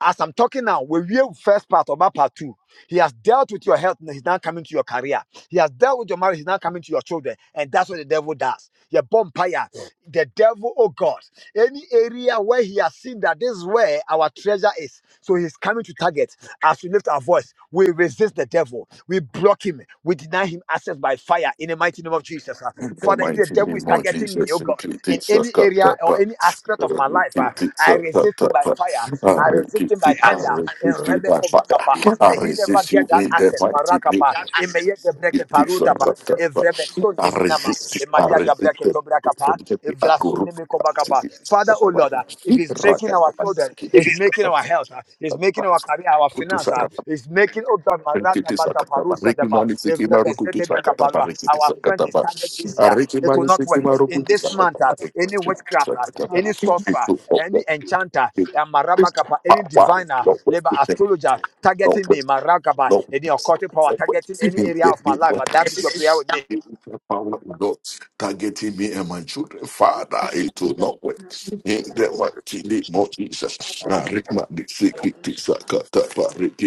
As I'm talking now, we are real first part about part two. He has dealt with your health, and he's now coming to your career. He has dealt with your marriage, he's now coming to your children. And that's what the devil does. Your bonfire. The devil, oh God. Any area where he has seen that this is where our treasure is. So he's coming to target. As we lift our voice, we resist the devil. We block him. We deny him access by fire in the mighty name of Jesus. ah. In the Father, if the mighty devil name is of targeting me, Jesus, oh God, sikiti in any area or sakataka. any aspect of my life, ah, Arikiti I resist him by sakataka. fire. I resist him Arikiti, by I tender. In resist you by Rebecca Vakapa. fire. I May he never resist get you that in the access. mighty name Marakapa. of In Meyeke Jesus. Breke Sikiti Parutapa. If sakataka. Rebekson I Niminama. resist it. In I Mayaga resist Breke it. From Tobrakapa. the If Akuru, Vrasunimikovakapa. Sikiti Father, oh Sakataka. Lord, uh, if he's making our Rakataka, children, Sikiti he's making our health, uh, he's making Sakataka. our career, our kutu finance, uh, sakata he's making, oh God rekiti sakata ba reki mani siki maru kutu sakata ba rekiti our friend sakata is ba targeted this a year. reki It will mani not siki work. maru In kutu this sakata month, uh, ba any witchcraft, uh, sakata ba any sorcerer, itu of the any enchanter, uh, Maraba any big power diviner, of labor the thing. astrologer Not worth targeting me, Marakaba, no. any occultic power The targeting any area of my life. And that is your prayer with me. power of God Targeting me and my children, Father, it will not work. In the mighty name of Jesus, I read my secret is a catapharic.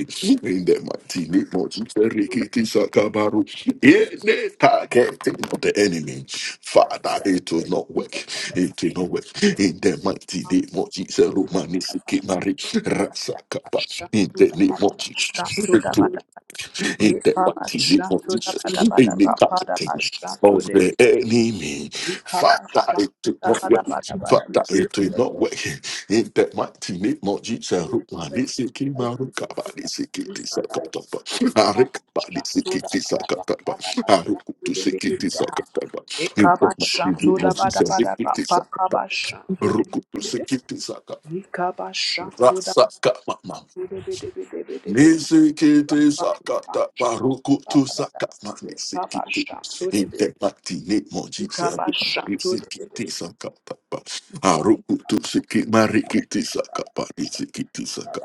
In the mighty name of Jesus, Rikiti Sakabaru. In the targeting of the enemy, Father, it will not work taken away in the mighty name of Jesus. Romani you. Sikimari Rasakapa Basha in to the the name Bada of Basha Jesus. to the Return Bada, In the Yipa mighty name Basha of to the Jesus. Bada In the Bada Bada fighting Basha to of the the enemy. Yika Father, Basha it to the did not Bada work. Bada Bada. We Father, pray it for did the not work. In the mighty name of Jesus. heaven and Romani Sikimaru Kabani that Sikiti is alive. Sakatapa. Yika Arekabani Basha to the Sikiti Bada Sakatapa. Bada Basha to Arukutu the Sikiti Bada. Sakatapa. In Yika the Basha mighty to name the of Bada Bada Jesus. Bada Basha to the Rukutu Bada. sekiti saka Yika Basha to the Bada rasaka mama Bada Bada Bada. Amen. nisikiti Amen. saka ta barukutu saka mani sikiti inte pati ne moji sabi nisikiti saka ta pa arukutu siki marikiti saka pa nisikiti saka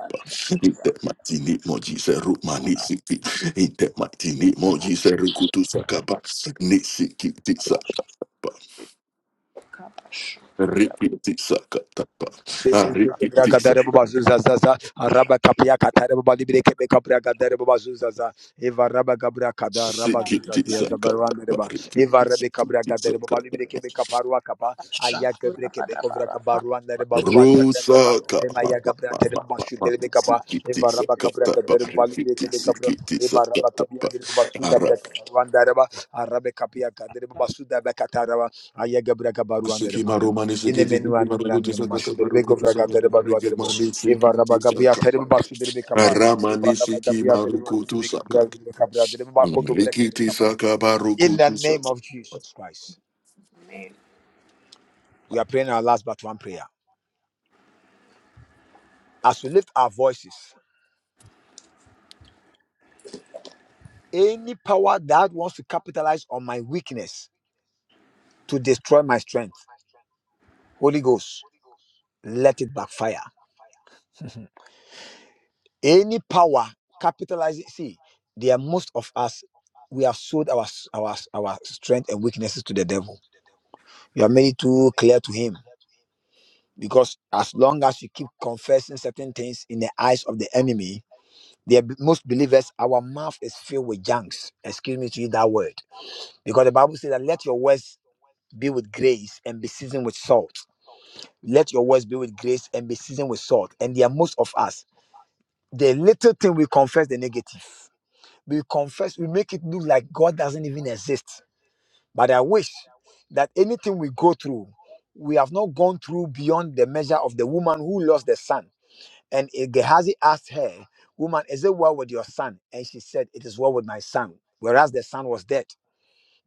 inte matini ne moji seru mani siki inte mati ne moji seru kutu saka pa nisikiti saka pa rikiti saka pa Bragadere baba zuzazaza, araba kapia katare baba libre kebe kapra gadere baba zuzaza, eva raba gabra kada raba Sikiti zuzazia sakata the reba, bariki eva rebe kabra sikiti gadere baba sakata libre kebe kaparwa kapa, aya gabre the kovra kabarwande reba guate breba, rusaka ema ma ya ma gabra ma tere ma baba ma ma shudere be kapa, sikiti eva raba kabra sakata gadere baba libre bariki kebe kapra, sikiti eva raba sakata ba kapia dere baba suda arab bre kabarwande reba, arabe kapia gadere baba suda be kataraba, aya gabra kabarwande sikiti reba. marumani sikiti sikiti Inemenua na maruguti mramine sakata masu derbe maruguti govra ga sakata derba dua bariki derbo. mani Eva sikiti raba ga biya terbe sakata basu derbe kapa. Eva aramani raba ga sikiti biya derbe wadi marugutu derbe kabra sakata derbe kabra derbe ba koto breke be Rikiti kapa. saka In the name of Jesus Christ, we are praying our last but one prayer. As we lift our voices, any power that wants to capitalize on my weakness to destroy my strength, Holy Ghost, let it backfire. Any power capitalizing, see, there are most of us, we have sold our, our, our strength and weaknesses to the devil You have made it too clear to him because as long as you keep confessing certain things in the eyes of the enemy, the most believers, our mouth is filled with junks. Excuse me to use that word. Because the Bible says that let your words be with grace and be seasoned with salt. Let your words be with grace and be seasoned with salt. And there are most of us. The little thing we confess the negative. We confess, we make it look like God doesn't even exist But I wish that anything we go through, we have not gone through beyond the measure of the woman who lost the son. And eh, Gehazi asked her, Woman, is it well with your son? And she said, It is well with my son, whereas the son was dead.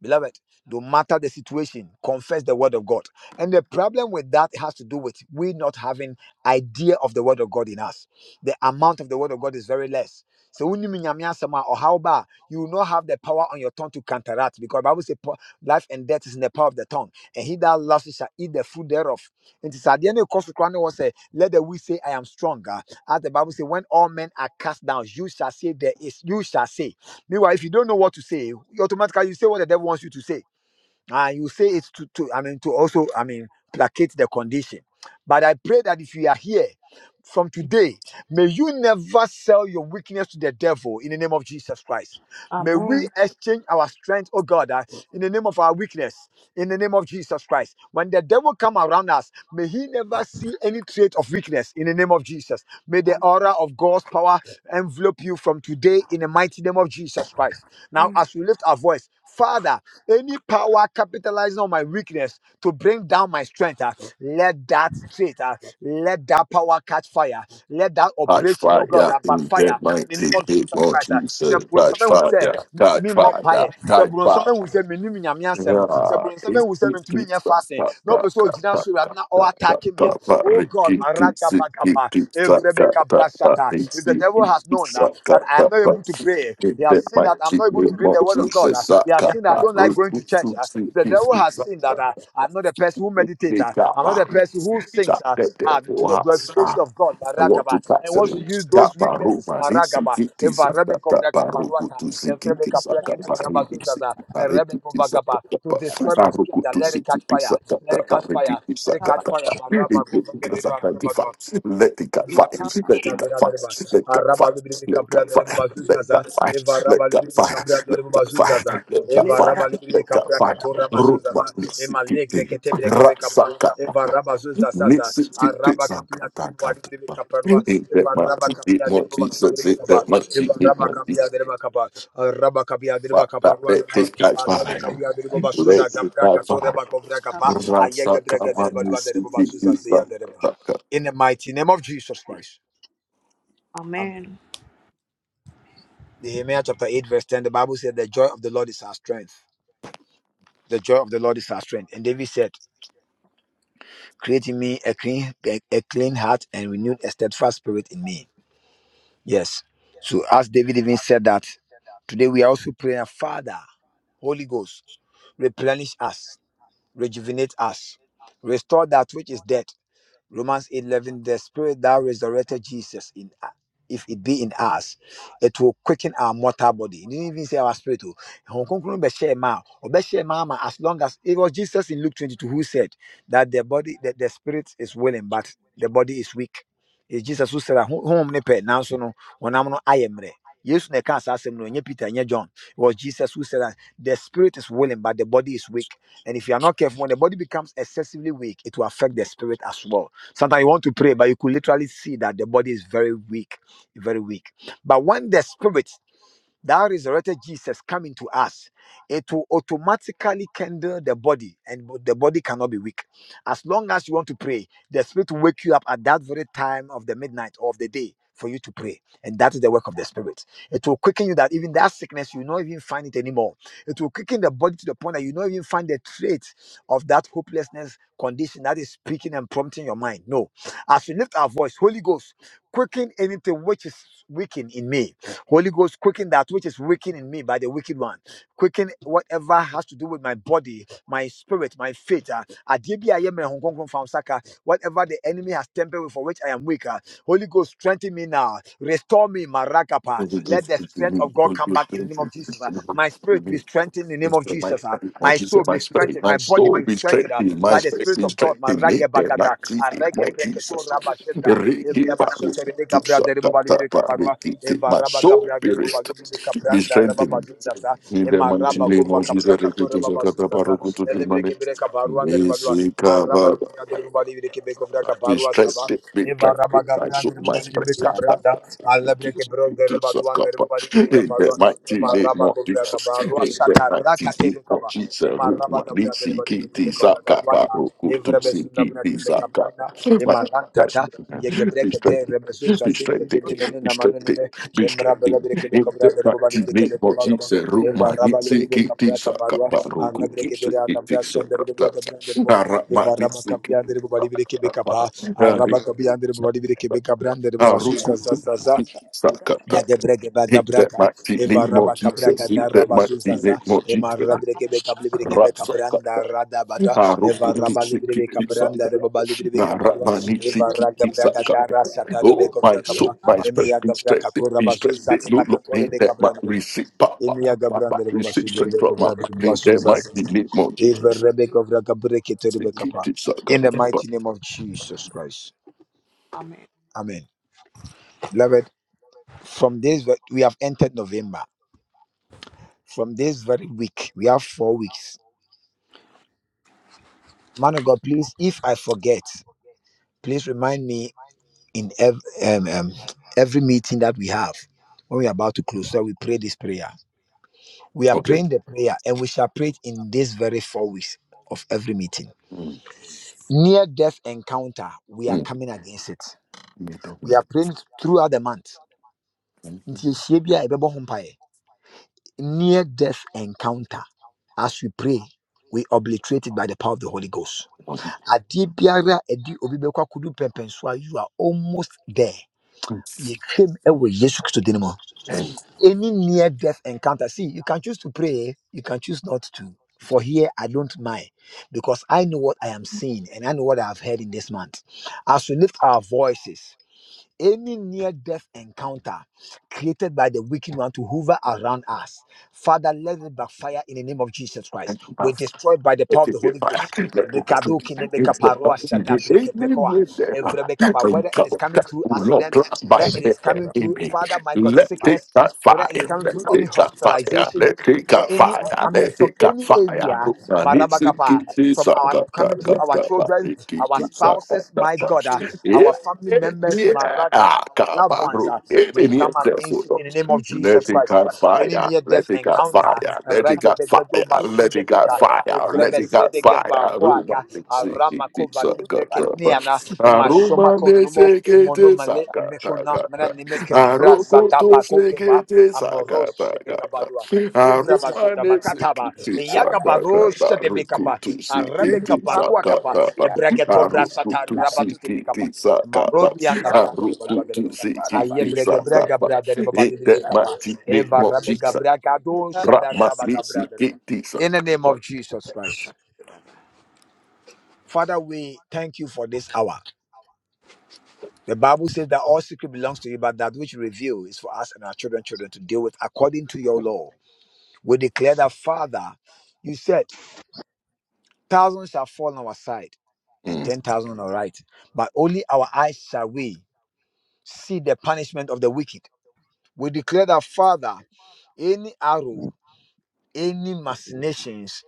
Beloved, no matter the situation, confess the word of God. And the problem with that has to do with we not having idea of the word of God in us. The amount of the word of God is very less. So wonim Nyame asɛm a, ɔhaw ba a, you will not have the power on your tongue to counteract because the Bible says po- life and death is in the power of the tongue. And he that loves it shall eat the fruit thereof. And this at the end of the was say, Let the weak say, I am stronger. As the Bible says, when all men are cast down, you shall say there is, you shall say. Meanwhile, if you don't know what to say, you automatically you say what the devil wants you to say. And you say it to, to I mean to also I mean placate the condition. But I pray that if you are here from today, may you never sell your weakness to the devil in the name of Jesus Christ. May Amen. we exchange our strength, oh God, uh, in the name of our weakness, in the name of Jesus Christ. When the devil come around us, may he never see any trait of weakness in the name of Jesus. May the Amen. aura of God's power envelope you from today in the mighty name of Jesus Christ. Now, as we lift our voice, Father, any power capitalizing on my weakness to bring down my strength, ah, let that straight, ah, let that power catch fire, let that Hot operation, oh fire God, yeah. ah, in backfire that in the mighty name of big Jesus Lord Christ. ah. Sɛ Jesus. God bronsɛm ehu fire, sɛ God mentumi mmɔ fire, mpaeɛ, sɛ God bronsɛm fire. ehu sɛ mennim Nyame asɛm, sɛ Yeah, bronsɛm it's ehu sɛ it's mentumi nyɛ it's it's fasting, God na fire, ɔpɛ sɛ God ogyina fire, so Awurade God na fire, God ɔataake me fire, a, God fire. oh God, Ricky, it's it's it's maragabagaba, it's God fire, evrebekabra God fire, Shata, if it's the it's devil has known it's uh, God fire, that I am God not fire. able to pray, In he has that seen that I'm mighty not able to name read of the word of God. uh, Jesus, he has God seen that I fire. don't like Ricky, going to it's church. uh, if the it's devil it's has seen that God uh, fire. I'm not the person who meditates, They uh, got I'm not back. the person who sings Shut uh, that uh, to devil the house. glorification Ah, of God, I want Marakaba, to tax and wants to them. use those Kappa weaknesses, Roma, it's in Marakaba. if kitties, a rebe kovra Kappa Ruku kaparuata, to if rebe Zikitis, kapra Kappa keto raba Rini, zuzaza, and rebe Zikitis, kovagaba, to Kappa destroy my strength, Ruku uh, to let it catch Zikitis, fire, let it Kappa catch fire, Rikitis, let it catch fire, Kappa. Maraba, go Let it get fire, let it get fire, let it get fire, Araba Libri let it get Capradereba Bazuzaza, fire, let it Eva Raba get Libri fire, let it Capradereba get fire, let it get fire, let it get Bazuzaza, Eva Raba fire, let Libri it get Capra fire, Catora Rutba Bazuzaza, Emma Legre nisikiti, Ketebre Kebekapa, rasaka Eva papa, Raba Zuzazaza, nisikiti Araba Capia sakata Dereba kata Libri papa. Caparua, In that Eva Raba mighty Capia name of Dereba Jesus, in that Bazuzaza, mighty Eva name Raba of Capia Jesus, Dereba Capa, Araba Capia Dereba Father, Caparua let Nerba, it catch Arabe fire, Capia Dereba let Bazuza, it Capra catch Catora fire. Bacovra Capa, Ayaga Braga Rasaka Dereba mani Lua Dereba Bazuzaza sakata Dereba. kata. In the mighty name of Jesus Christ. Amen. Nehemiah chapter 8, verse 10, the Bible said, The joy of the Lord is our strength. The joy of the Lord is our strength. And David said, Create in me a clean, a, a clean heart and renew a steadfast spirit in me. Yes. So, as David even said that, today we are also praying, Father, Holy Ghost, replenish us, rejuvenate us, restore that which is dead, Romans eight 11, the spirit that resurrected Jesus in if it be in us, it will quicken our mortal body. It didn't even say our spirit. oh. Ɛhɔn Kronkron bɛhyɛɛ ma a, ɔbɛhyɛɛ ma ama As long as it was Jesus in Luke 22 who said that the body, that the spirit is willing, but the body is weak. It's Jesus who said, Home ne pe Now, so no, when I'm no I am. ayɛ mmerɛ. Yesu na ɛka saa asɛm no, ɛnyɛ Peter, ɛnyɛ John. It was Jesus who said that the spirit is willing, but the body is weak. And if you are not careful, when the body becomes excessively weak, it will affect the spirit as well. Sometimes you want to pray, but you could literally see that the body is very weak, very weak. But when the spirit that resurrected Jesus coming to us, it will automatically kindle the body, and the body cannot be weak. As long as you want to pray, the Spirit will wake you up at that very time of the midnight or of the day for you to pray. And that is the work of the Spirit. It will quicken you that even that sickness, you not even find it anymore. It will quicken the body to the point that you not even find the trait of that hopelessness condition that is speaking and prompting your mind. No. As we lift our voice, Holy Ghost, quicken anything which is weakened in me Holy Ghost, quicken that which is weakened in me by the wicked one. Quicken whatever has to do with my body, my spirit, my faith. ah. Adeɛ bi me honkonkron fa wo Whatever the enemy has tempered with for which I am weaker. Holy Ghost, strengthen me now. Restore me, Marakapa. What you do Let the to strength me, of God what come you back in do the name of Jesus. ah. to My spirit me, be strengthened in the name of Into my Jesus. ah. oh My soul Jesus, be my spirit, strengthened. my My body soul be be strengthened ah, strengthened, my by the spirit Spirit be of God. strengthened. Make them Maragebagata. like Jesus, my Aregebreketo Jesus. rabasheta. Riki baru Ebrabashote rebeka tu braderebo sakata balibido kaparua. pariki ti. Eva My raba soul gabra de be baba restored, libi de be capranda raba strengthened. bazuza za. In the Ema mighty raba name kova of capra Jesus, catora Rikutu baba Sakata bazuza za. Barukutu Kilmane. barua de balua. Mesika Araba Baba. gabra de baba libi de kebe kovra Be gabarua saba. strengthened, be Eva raba strengthened, I gabra shook de The my baba libi de strength. Sakata. capranda. Ala breke Rikutu bro de raba duan de Sakata. baba libi de In the caparua. mighty Ema name raba of kovra Jesus. gabarua In the shakara mighty name katebe of kaba. Jesus. Ema raba Rumani gabra de baba libi de kebe Sikiti kovra Sakata gabarua. Barukutu Evra besunda Sikiti breke Sakata. capranda. My- That's Imalantata, be Yegebrekete, strengthened, Remesuza, be strengthened, Sikede, be Menina strengthened, Manunime, be Emrabella strengthened. Brekebe Cabra, Inte the Bobadi kati ni Brekebe moji Comagaba, seru Eva mani Rabba se Libre kiti Capra Cabarua, sakapa roku Arabreke kiti Vera Cabra, kiti Shandaribua sakata Cabranderbo, ara Eva mani Rabba se kiti Capia, the Bobadi Brekebe sakata Capa, Araba ari Capia, the Bobadi Brekebe Cabran, the aruku Bobasuza, kiti sakata Yadebrege inte bagabraka, mati ni Eva rabaka moji braka seru da inte mati rabazuzaza, ni moji Ema seru radreke beka blibreke ara beka sakata Eva aruku kiti rabalibre beka kiti branda rebabalibre Na raba si Eva raga braka da rasata Oh, rebeko my braka pa, soul, my Eme spirit, be strengthened, to be rabazuza strengthened. You kepa Lord, katore may beka that might branda reba. receive power, Emi yaga my might branda reba receive bashu strength from my might. May that might be made more Eva Jesus. rebeko braka breke to Si rebeka ki ki In the mighty name of Jesus Christ. Amen. Beloved, from this, we have entered November from this very week. We have four weeks. Man of God, please, if I forget, please remind me in ev- um, um, every meeting that we have when we're about to close. So we pray this prayer. We are Okay. praying the prayer and we shall pray it in this very four weeks of every meeting. Mm, Near death encounter, we are mm. coming against it. May that We might are praying it throughout the month. Nti yɛhyia bi a yɛbɛbɔ ho mpaeɛ. Near death encounter. As we pray, we obliterate it by the power of the Holy Ghost be made adeɛ biara a ɛde obi bɛkɔ akɔdu you are almost there You came away, yesu kristo din mu any near death encounter see you can choose to pray you can choose not to for here i don't mind because i know what i am seeing and i know what i have heard in this month as we lift our voices any near death encounter created by the wicked one to hover around us father let it backfire in the name of jesus christ we're destroyed by the power Let of it the holy cut fire. ghost Let it cut Brekaduki ne fire. Let it bekaparua shata brekepekoa. Evre bekapa. Whether it is coming through accident, whether it is coming through, Father, my God, sickness, whether it is coming through any hospitalization, where cut any, eh, I fire. mean, Let from it any cut fire. area, Rumanisi Marabakapa, kiti from our sakata coming through our kata children, our barikiti spouses, sakata my ba. God, ah, Yeah, our family yeah, members, yeah. Ah, Maragaba, our loved ones, kabaru. ah, Yeah, we yeah, come against yeah. it in the name of Jesus Let it Christ. ah. cut Any fire. near death Let it cut fire. encounter, Let it cut Regebegedo fire. Let it cut fire. Basudebeka, Let evrebe it cut zedege fire. Aruma baguaka arama nisikiti kova gibre sakataba. keniana emashoma Aruma konumo nisikiti monomale emekona mena sakatagata. nimeke vrasa Arukutu zadabako keba sikiti amoros sakatagata. shebegabarua evraba Aruma zodabakataba nisikiti eyagabaro sakataba. shedebekapa Rukutu arabe name of the sikiti power gabakua of kapa sakataba. ebregeto brasata Arukutu rabatute bikapa sikiti sakataba. marobianda branda babalua gereba Arukutu the aye sikiti Ayebrega braga sakataba. brada reba It balibri that Amen. must bikapa be name eva of rabe Jesus. gabra kado Ra must shadaraba be gabra seek it dereba Jesus. in the name of But, Jesus Christ. Father, we thank you for this hour. The Bible says that all secret belongs to you, but that which you reveal is for us and our children, children to deal with according to your law. We declare that, Father, you said, thousands shall fall on our side and mm, 10,000 on our right, but only our eyes shall we see the punishment of the wicked. We declare that, Father, any arrow any Um, machinations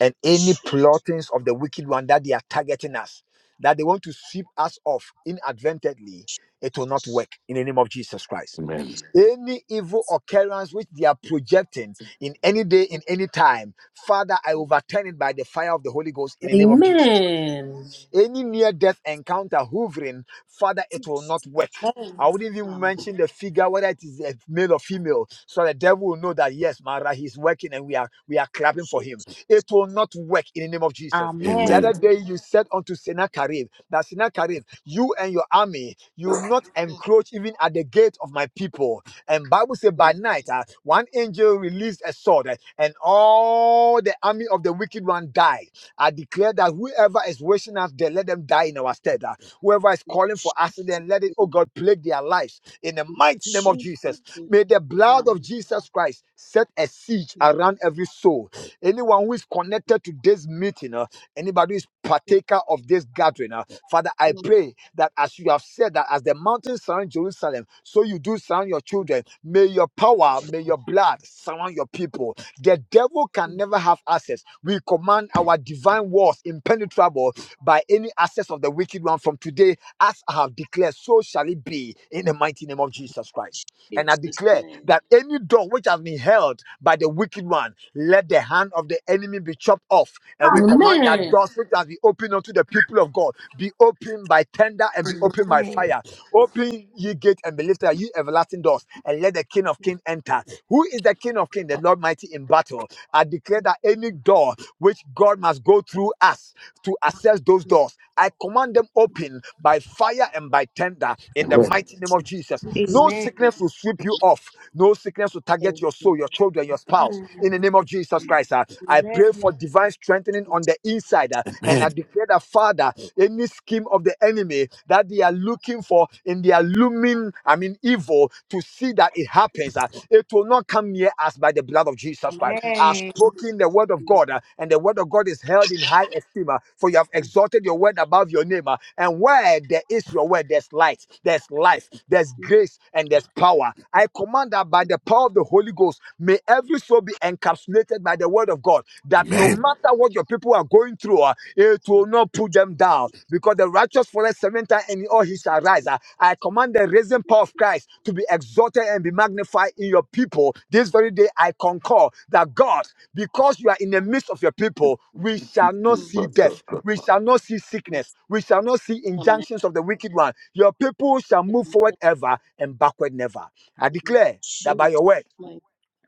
and any Jesus. plottings of the wicked one that they are targeting us, that they want to sweep us off inadvertently, it will not work in the name of Jesus Christ. Um, Amen. Jesus. Any evil occurrence which they are projecting in any day, in any time, Father, I overturn it by the fire of the Holy Ghost in the name of Jesus Christ. Amen. Any near death encounter hovering, Father, it will not work. I wouldn't even Um, mention the figure, whether it is a male or female, so the devil will know that yes, Mara, he's working and we are we are clapping for him. It will not work in the name of Jesus. The Amen. Amen. other day you said unto Sennacherib that Sennacherib, you and your army, you will not encroach even at the gate of my people. And Bible said by night, uh, one angel released a sword, uh, and all the army of the wicked one died. I declare that whoever is wishing us dead, let them die in our stead. ah. Whoever is calling for accident, let it, oh God, plague their lives in the mighty name of Jesus. May the blood of Jesus Christ set a siege around every soul. Anyone who is connected to this meeting, ah, anybody who is partaker of this gathering, ah, Father, I pray that as you have said that as the mountains surround Jerusalem, so you do surround your children. May your power, may your blood surround your people the devil can never have access. We command our divine walls impenetrable by any access of the wicked one from today, as I have declared, so shall it be in the mighty name of Jesus Christ. And I Jesus declare name. that any door which has been held by the wicked one, let the hand of the enemy be chopped off. And we command that Amen. doors which has been opened unto the people of God be opened by tender and be opened by Amen. fire. Open ye gate and be lifted, ye everlasting doors, and let the King of Kings enter. Who is the King of Kings? The Lord mighty in battle. I declare that any door which God must go through us to access those doors. I command them open by fire and by tender in the Amen. mighty name of Jesus. Jesus No Amen. sickness name. will sweep you off. No sickness will target Amen. your soul, your children, your spouse. Amen. In the name of Jesus Christ, uh, I pray Amen. for divine strengthening on Jesus the inside. uh, and I declare that, Father, any scheme of the enemy that they are looking for in their looming, I mean, evil, to see that it happens happens, uh, it will not come near us by the blood of Jesus Christ. I've Amen. spoken the word of name. God, uh, and the word of God is held in high esteem, uh, for you have Amen. exalted your word above your name. uh, and where there is your word, there's light, there's life, there's Jesus grace, and there's power. I command that by the power of the Holy Ghost, may every soul be encapsulated by the word of God, that no Amen. matter what your people are going through, uh, it will not put them down because the righteous forest seven times and in all he shall rise. Ah, I command the raising power of Christ to be exalted and be magnified in your people. This very day I concur that God, because you are in the midst of your people, we shall not see death. We shall not see sickness. We shall not see injunctions of the wicked one. Your people shall move forward ever and backward never. I declare that by your word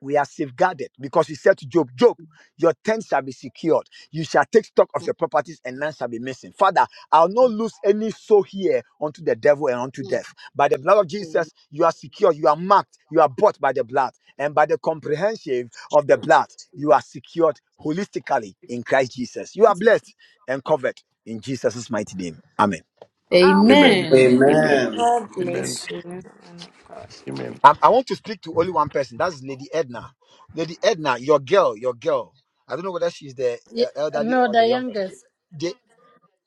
we are safeguarded because he said to Job, Job, your tent shall be secured. You shall take stock of your properties and none shall be missing. Father, I'll not lose any soul here unto the devil and unto death. By the blood of Jesus, you are secure, you are marked, you are bought by the blood. And by the comprehensive of the blood, you are secured holistically in Christ Jesus. You are blessed and covered in Jesus' mighty name. Amen. Amen. Um, Amen. Amen. Amen. Amen. God Amen. bless you. I, I want to speak to only one person. That's Lady Edna. Lady Edna, your girl, your girl. I don't know whether she's the Yeah, uh, elderly no, or the the youngest. youngest. They,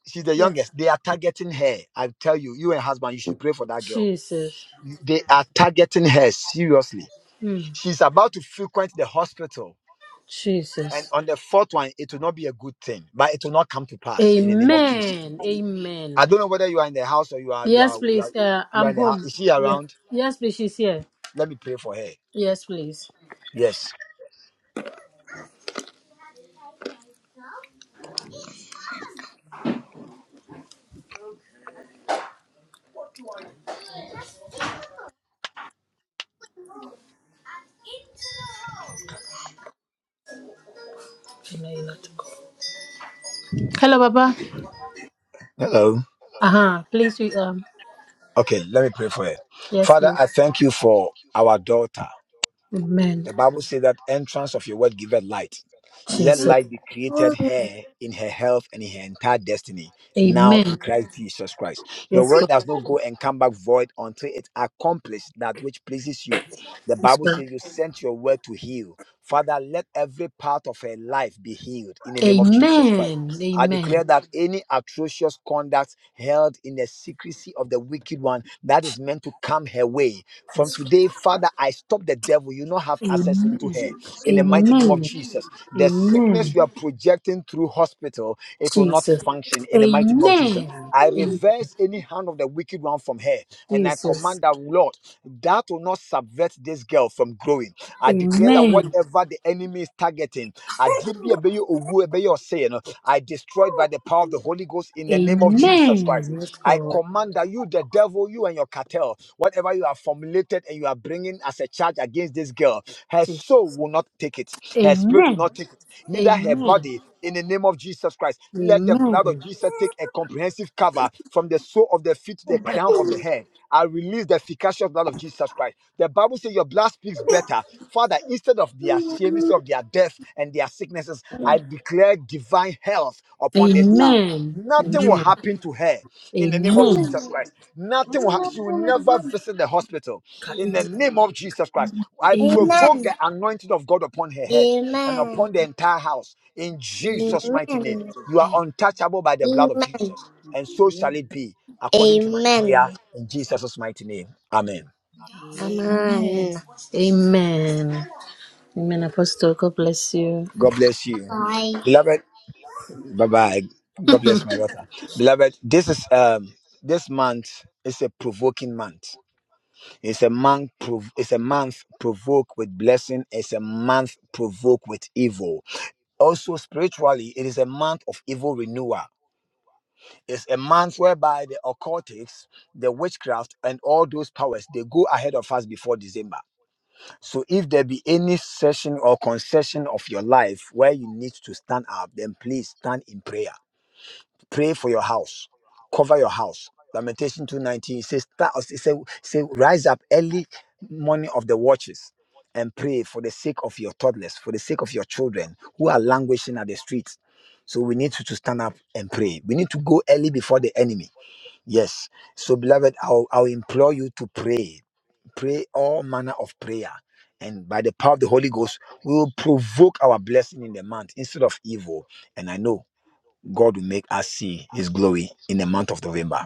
she's the Yes. youngest. They are targeting her. I tell you, you and husband, you should pray for that girl. Jesus. They are targeting her seriously. Mm. She's about to frequent the hospital. And Jesus. on the fourth one, it will not be a good thing, but it will not come to pass in the name of Jesus. Amen. I Amen. don't know whether you are in the house or you are you Yes, are you are please. Uh, you are I'm in the house. home. Is she Yes. around? Yes, please. She's here. Let me pray for her. Yes, please. Yes. No, you're not. Hello, Baba. Hello. Uh huh. Please. We, um. Okay, let me pray for her. Yes, Father, please. I thank you for our daughter. Amen. The Bible says that entrance of your word giveth light. Let Jesus. light be created here in her health and in her entire destiny, now Amen. in Christ Jesus Christ. Your Yes, word God. does not go and come back void until it accomplishes that which pleases you. The Yes, Bible God. says you sent your word to heal. Father, let every part of her life be healed in the name of Jesus Christ. Amen. I declare Amen. that any atrocious conduct held in the secrecy of the wicked one that is meant to come her way. From Yes, today, Father, I stop the devil. You not have access Amen. into her in the mighty name of Amen. Jesus. The sickness Amen. you are projecting through hospital, it will not Jesus. function in the mighty name of Jesus. Amen. I Amen. reverse any hand of the wicked one from her and I Jesus. command that, Lord, that will not subvert this girl from growing. I declare that Amen. whatever the enemy is targeting, adebie a ɛbɛyɛ owu, ɛbɛyɛ no, I destroy it by the power of the Holy Ghost in the name of Jesus Christ. Amen. Yes, I God. command that you, the devil, you and your cartel, whatever you have formulated and you are bringing as a charge against this girl, her Amen. soul will not take it, her spirit will not Amen. take it, neither her Amen. body. In the name of Jesus Christ, let the blood of Amen. Jesus take a comprehensive cover from the sole of the feet to the crown of the head. I release the efficacious blood of Jesus Christ. The Bible says your blood speaks better. Father, instead of their shame, instead of their death and their sicknesses, I declare divine health upon this child. Amen. Nothing will happen to her in the Amen. Amen. name of Jesus Amen. Christ. Nothing will ha- she will never visit the hospital in the name of Jesus Christ. Amen. I Amen. Amen. name. provoke the anointing of God upon her head and upon the entire house in Amen. Jesus' mighty name. You are untouchable by the blood of Jesus and so shall it be according to my prayer in Jesus' mighty name. Amen. Um, Amen. Amen. Amen. Amen. Apostle, God bless you. God bless you. Bye. Beloved, bye bye. God bless my daughter. Beloved, this is um this month is a provoking month. It's a month prov- it's a month provoke with blessing, it's a month provoke with evil. Also spiritually, it is a month of evil renewal. It's a month whereby the occultics, the witchcraft, and all those powers they go ahead of us before December. So if there be any session or concession of your life where you need to stand up, then please stand in prayer. Pray for your house. Cover your house. Lamentation 219 says, "Sta- it say, say, rise up early morning of the watches and pray for the sake of your toddlers, for the sake of your children who are languishing at the streets. So we need to, to stand up and pray. We need to go early before the enemy. Yes. So, beloved, I'll, I'll implore you to pray. Pray all manner of prayer. And by the power of the Holy Ghost, we will provoke our blessing in the month instead of evil. And I know God will make us see his glory in the month of November.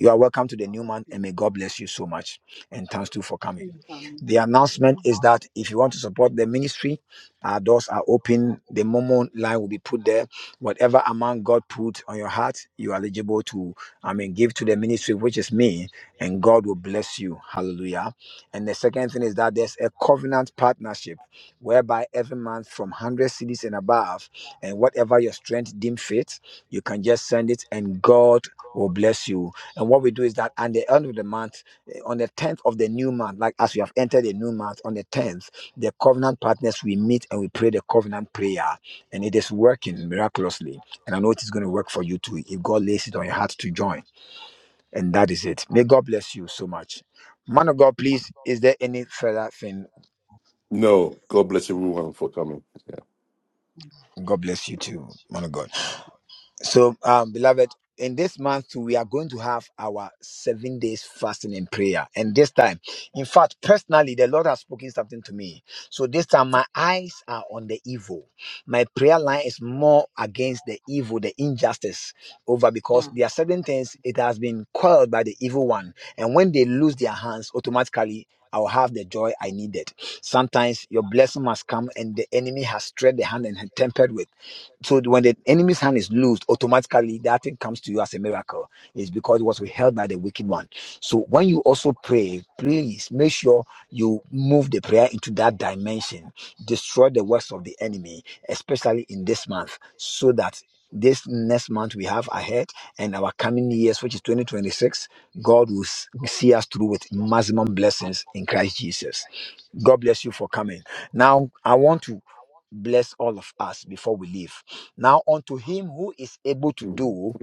You are welcome to the new month um, and may God bless you so much. And thanks too for coming. um, The announcement is that if you want to support the ministry, our doors are open. The Momo line will be put there. Whatever amount God put on your heart, you are eligible to, I mean, give to the ministry, which is me, and God will bless you. Hallelujah. And the second thing is that there's a covenant partnership whereby every month from 100 cities and above, and whatever your strength deem fit, you can just send it and God will bless you. And what we do is that at the end of the month, eh, on the 10th of the new month, like as we have entered a new month, on the 10th, the covenant partners, we meet and we pray the covenant prayer. And it is working miraculously. And I know it is going to work for you too if God lays it on your heart to join. And that is it. May God bless you so much. Man of God, please, is there any further thing? No, God bless everyone for coming. Yeah. God bless you too, man of God. So, um, beloved, in this month too, we are going to have our seven days fasting and prayer. And this time, in fact, personally, the Lord has spoken something to me. So this time, my eyes are on the evil. My prayer line is more against the evil, the injustice over um, um, because um, there are certain things it has been quelled by the evil one. And when they lose their hands, automatically. I'll have the joy I needed. Sometimes your blessing must come and the enemy has stretched the hand and had tempered with. So when the enemy's hand is loosed, automatically that thing comes to you as a miracle. It's because it was withheld by the wicked one. So when you also pray, please make sure you move the prayer into that dimension. Destroy the works of the enemy, especially in this month, so that this next month we have ahead and our coming years, which is 2026, God will s- see us through with maximum blessings in Christ Jesus. God bless you for coming. Now, I want to bless all of us before we leave. Now unto him who is able to Mm. do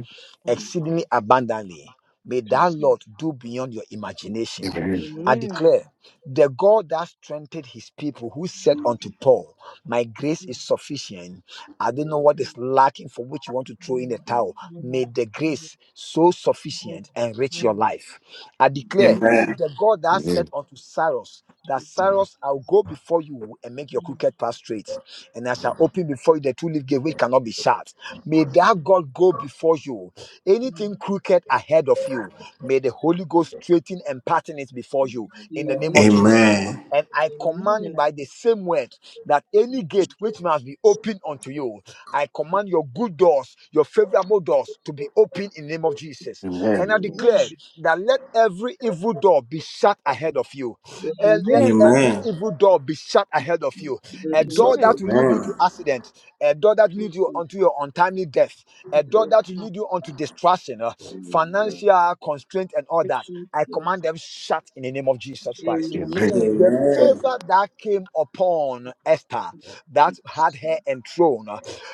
um, exceedingly abundantly, may that Lord do beyond your imagination. Amen. I um, Amen. um, declare, the God that strengthened his people, who said unto Paul, My grace is sufficient. I don't know what is lacking for which you want to throw in the towel. May the grace so sufficient enrich your life. I declare Amen. the God that said Amen. unto Cyrus, that Jesus. Cyrus, I'll go before you and make your crooked path straight, and I shall open before you the two-leaf gate which cannot be shut. May that God go before you. Anything Jesus. crooked ahead of you, may the Holy Ghost straighten and pattern it before you in the name of Amen. Jesus. Amen. And I command Amen. by the same word that any Jesus. gate which must be opened unto you, I command your good doors, your favorable doors to be opened in the name of Jesus. And Amen. I um, Amen. declare she- that let every evil door be shut ahead of you. Amen. And Amen. let um, I every Amen. evil door be shut ahead of you. A don't Jesus. door know, that Amen. will lead you Amen. to accident, a door that leads you Jesus. unto your untimely death, a door Jesus. that will um, lead you unto destruction, uh, Jesus. financial constraint, and all that. I Jesus. command them shut in the name of Jesus Christ Jesus, Amen. the Amen. favor that came upon Esther Jesus. that had her enthroned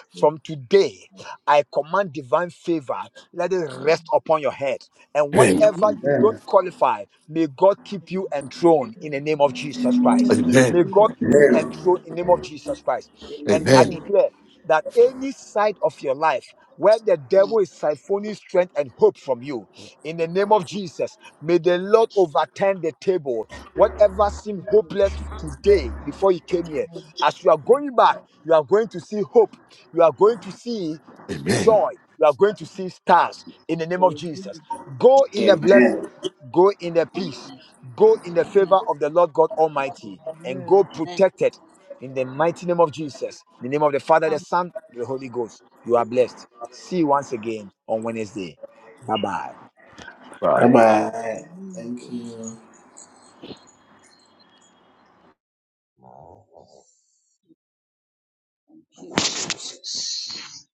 from today, I command divine favor. Let it Amen. rest upon your head. And Amen. Amen. whatever Amen. you don't qualify, may God keep you enthroned in the name of Jesus Christ. Amen. May Amen. Amen. God keep you Amen. enthroned in the name of Jesus Christ. And I Amen. Amen. Amen. declare that any side of your life where the no, devil is siphoning strength and hope from you, in the name of Jesus, may the Lord overturn the table Whatever seemed hopeless today before you came here, as you are going back, you are going to see hope. You are going to see Amen. joy. You are going to see stars in the name of Jesus. Go in the Jesus, blessing, Amen. go in the um, peace, go in the no, no, no, no, favor of the Lord God Almighty, and Amen. go protected in the mighty name of Jesus. In the name of the Father, the um, Son, the Holy Ghost. You are blessed. See you once again on Wednesday. Bye bye. Bye. Bye no, bye. Thank you. no. Thank you, Jesus.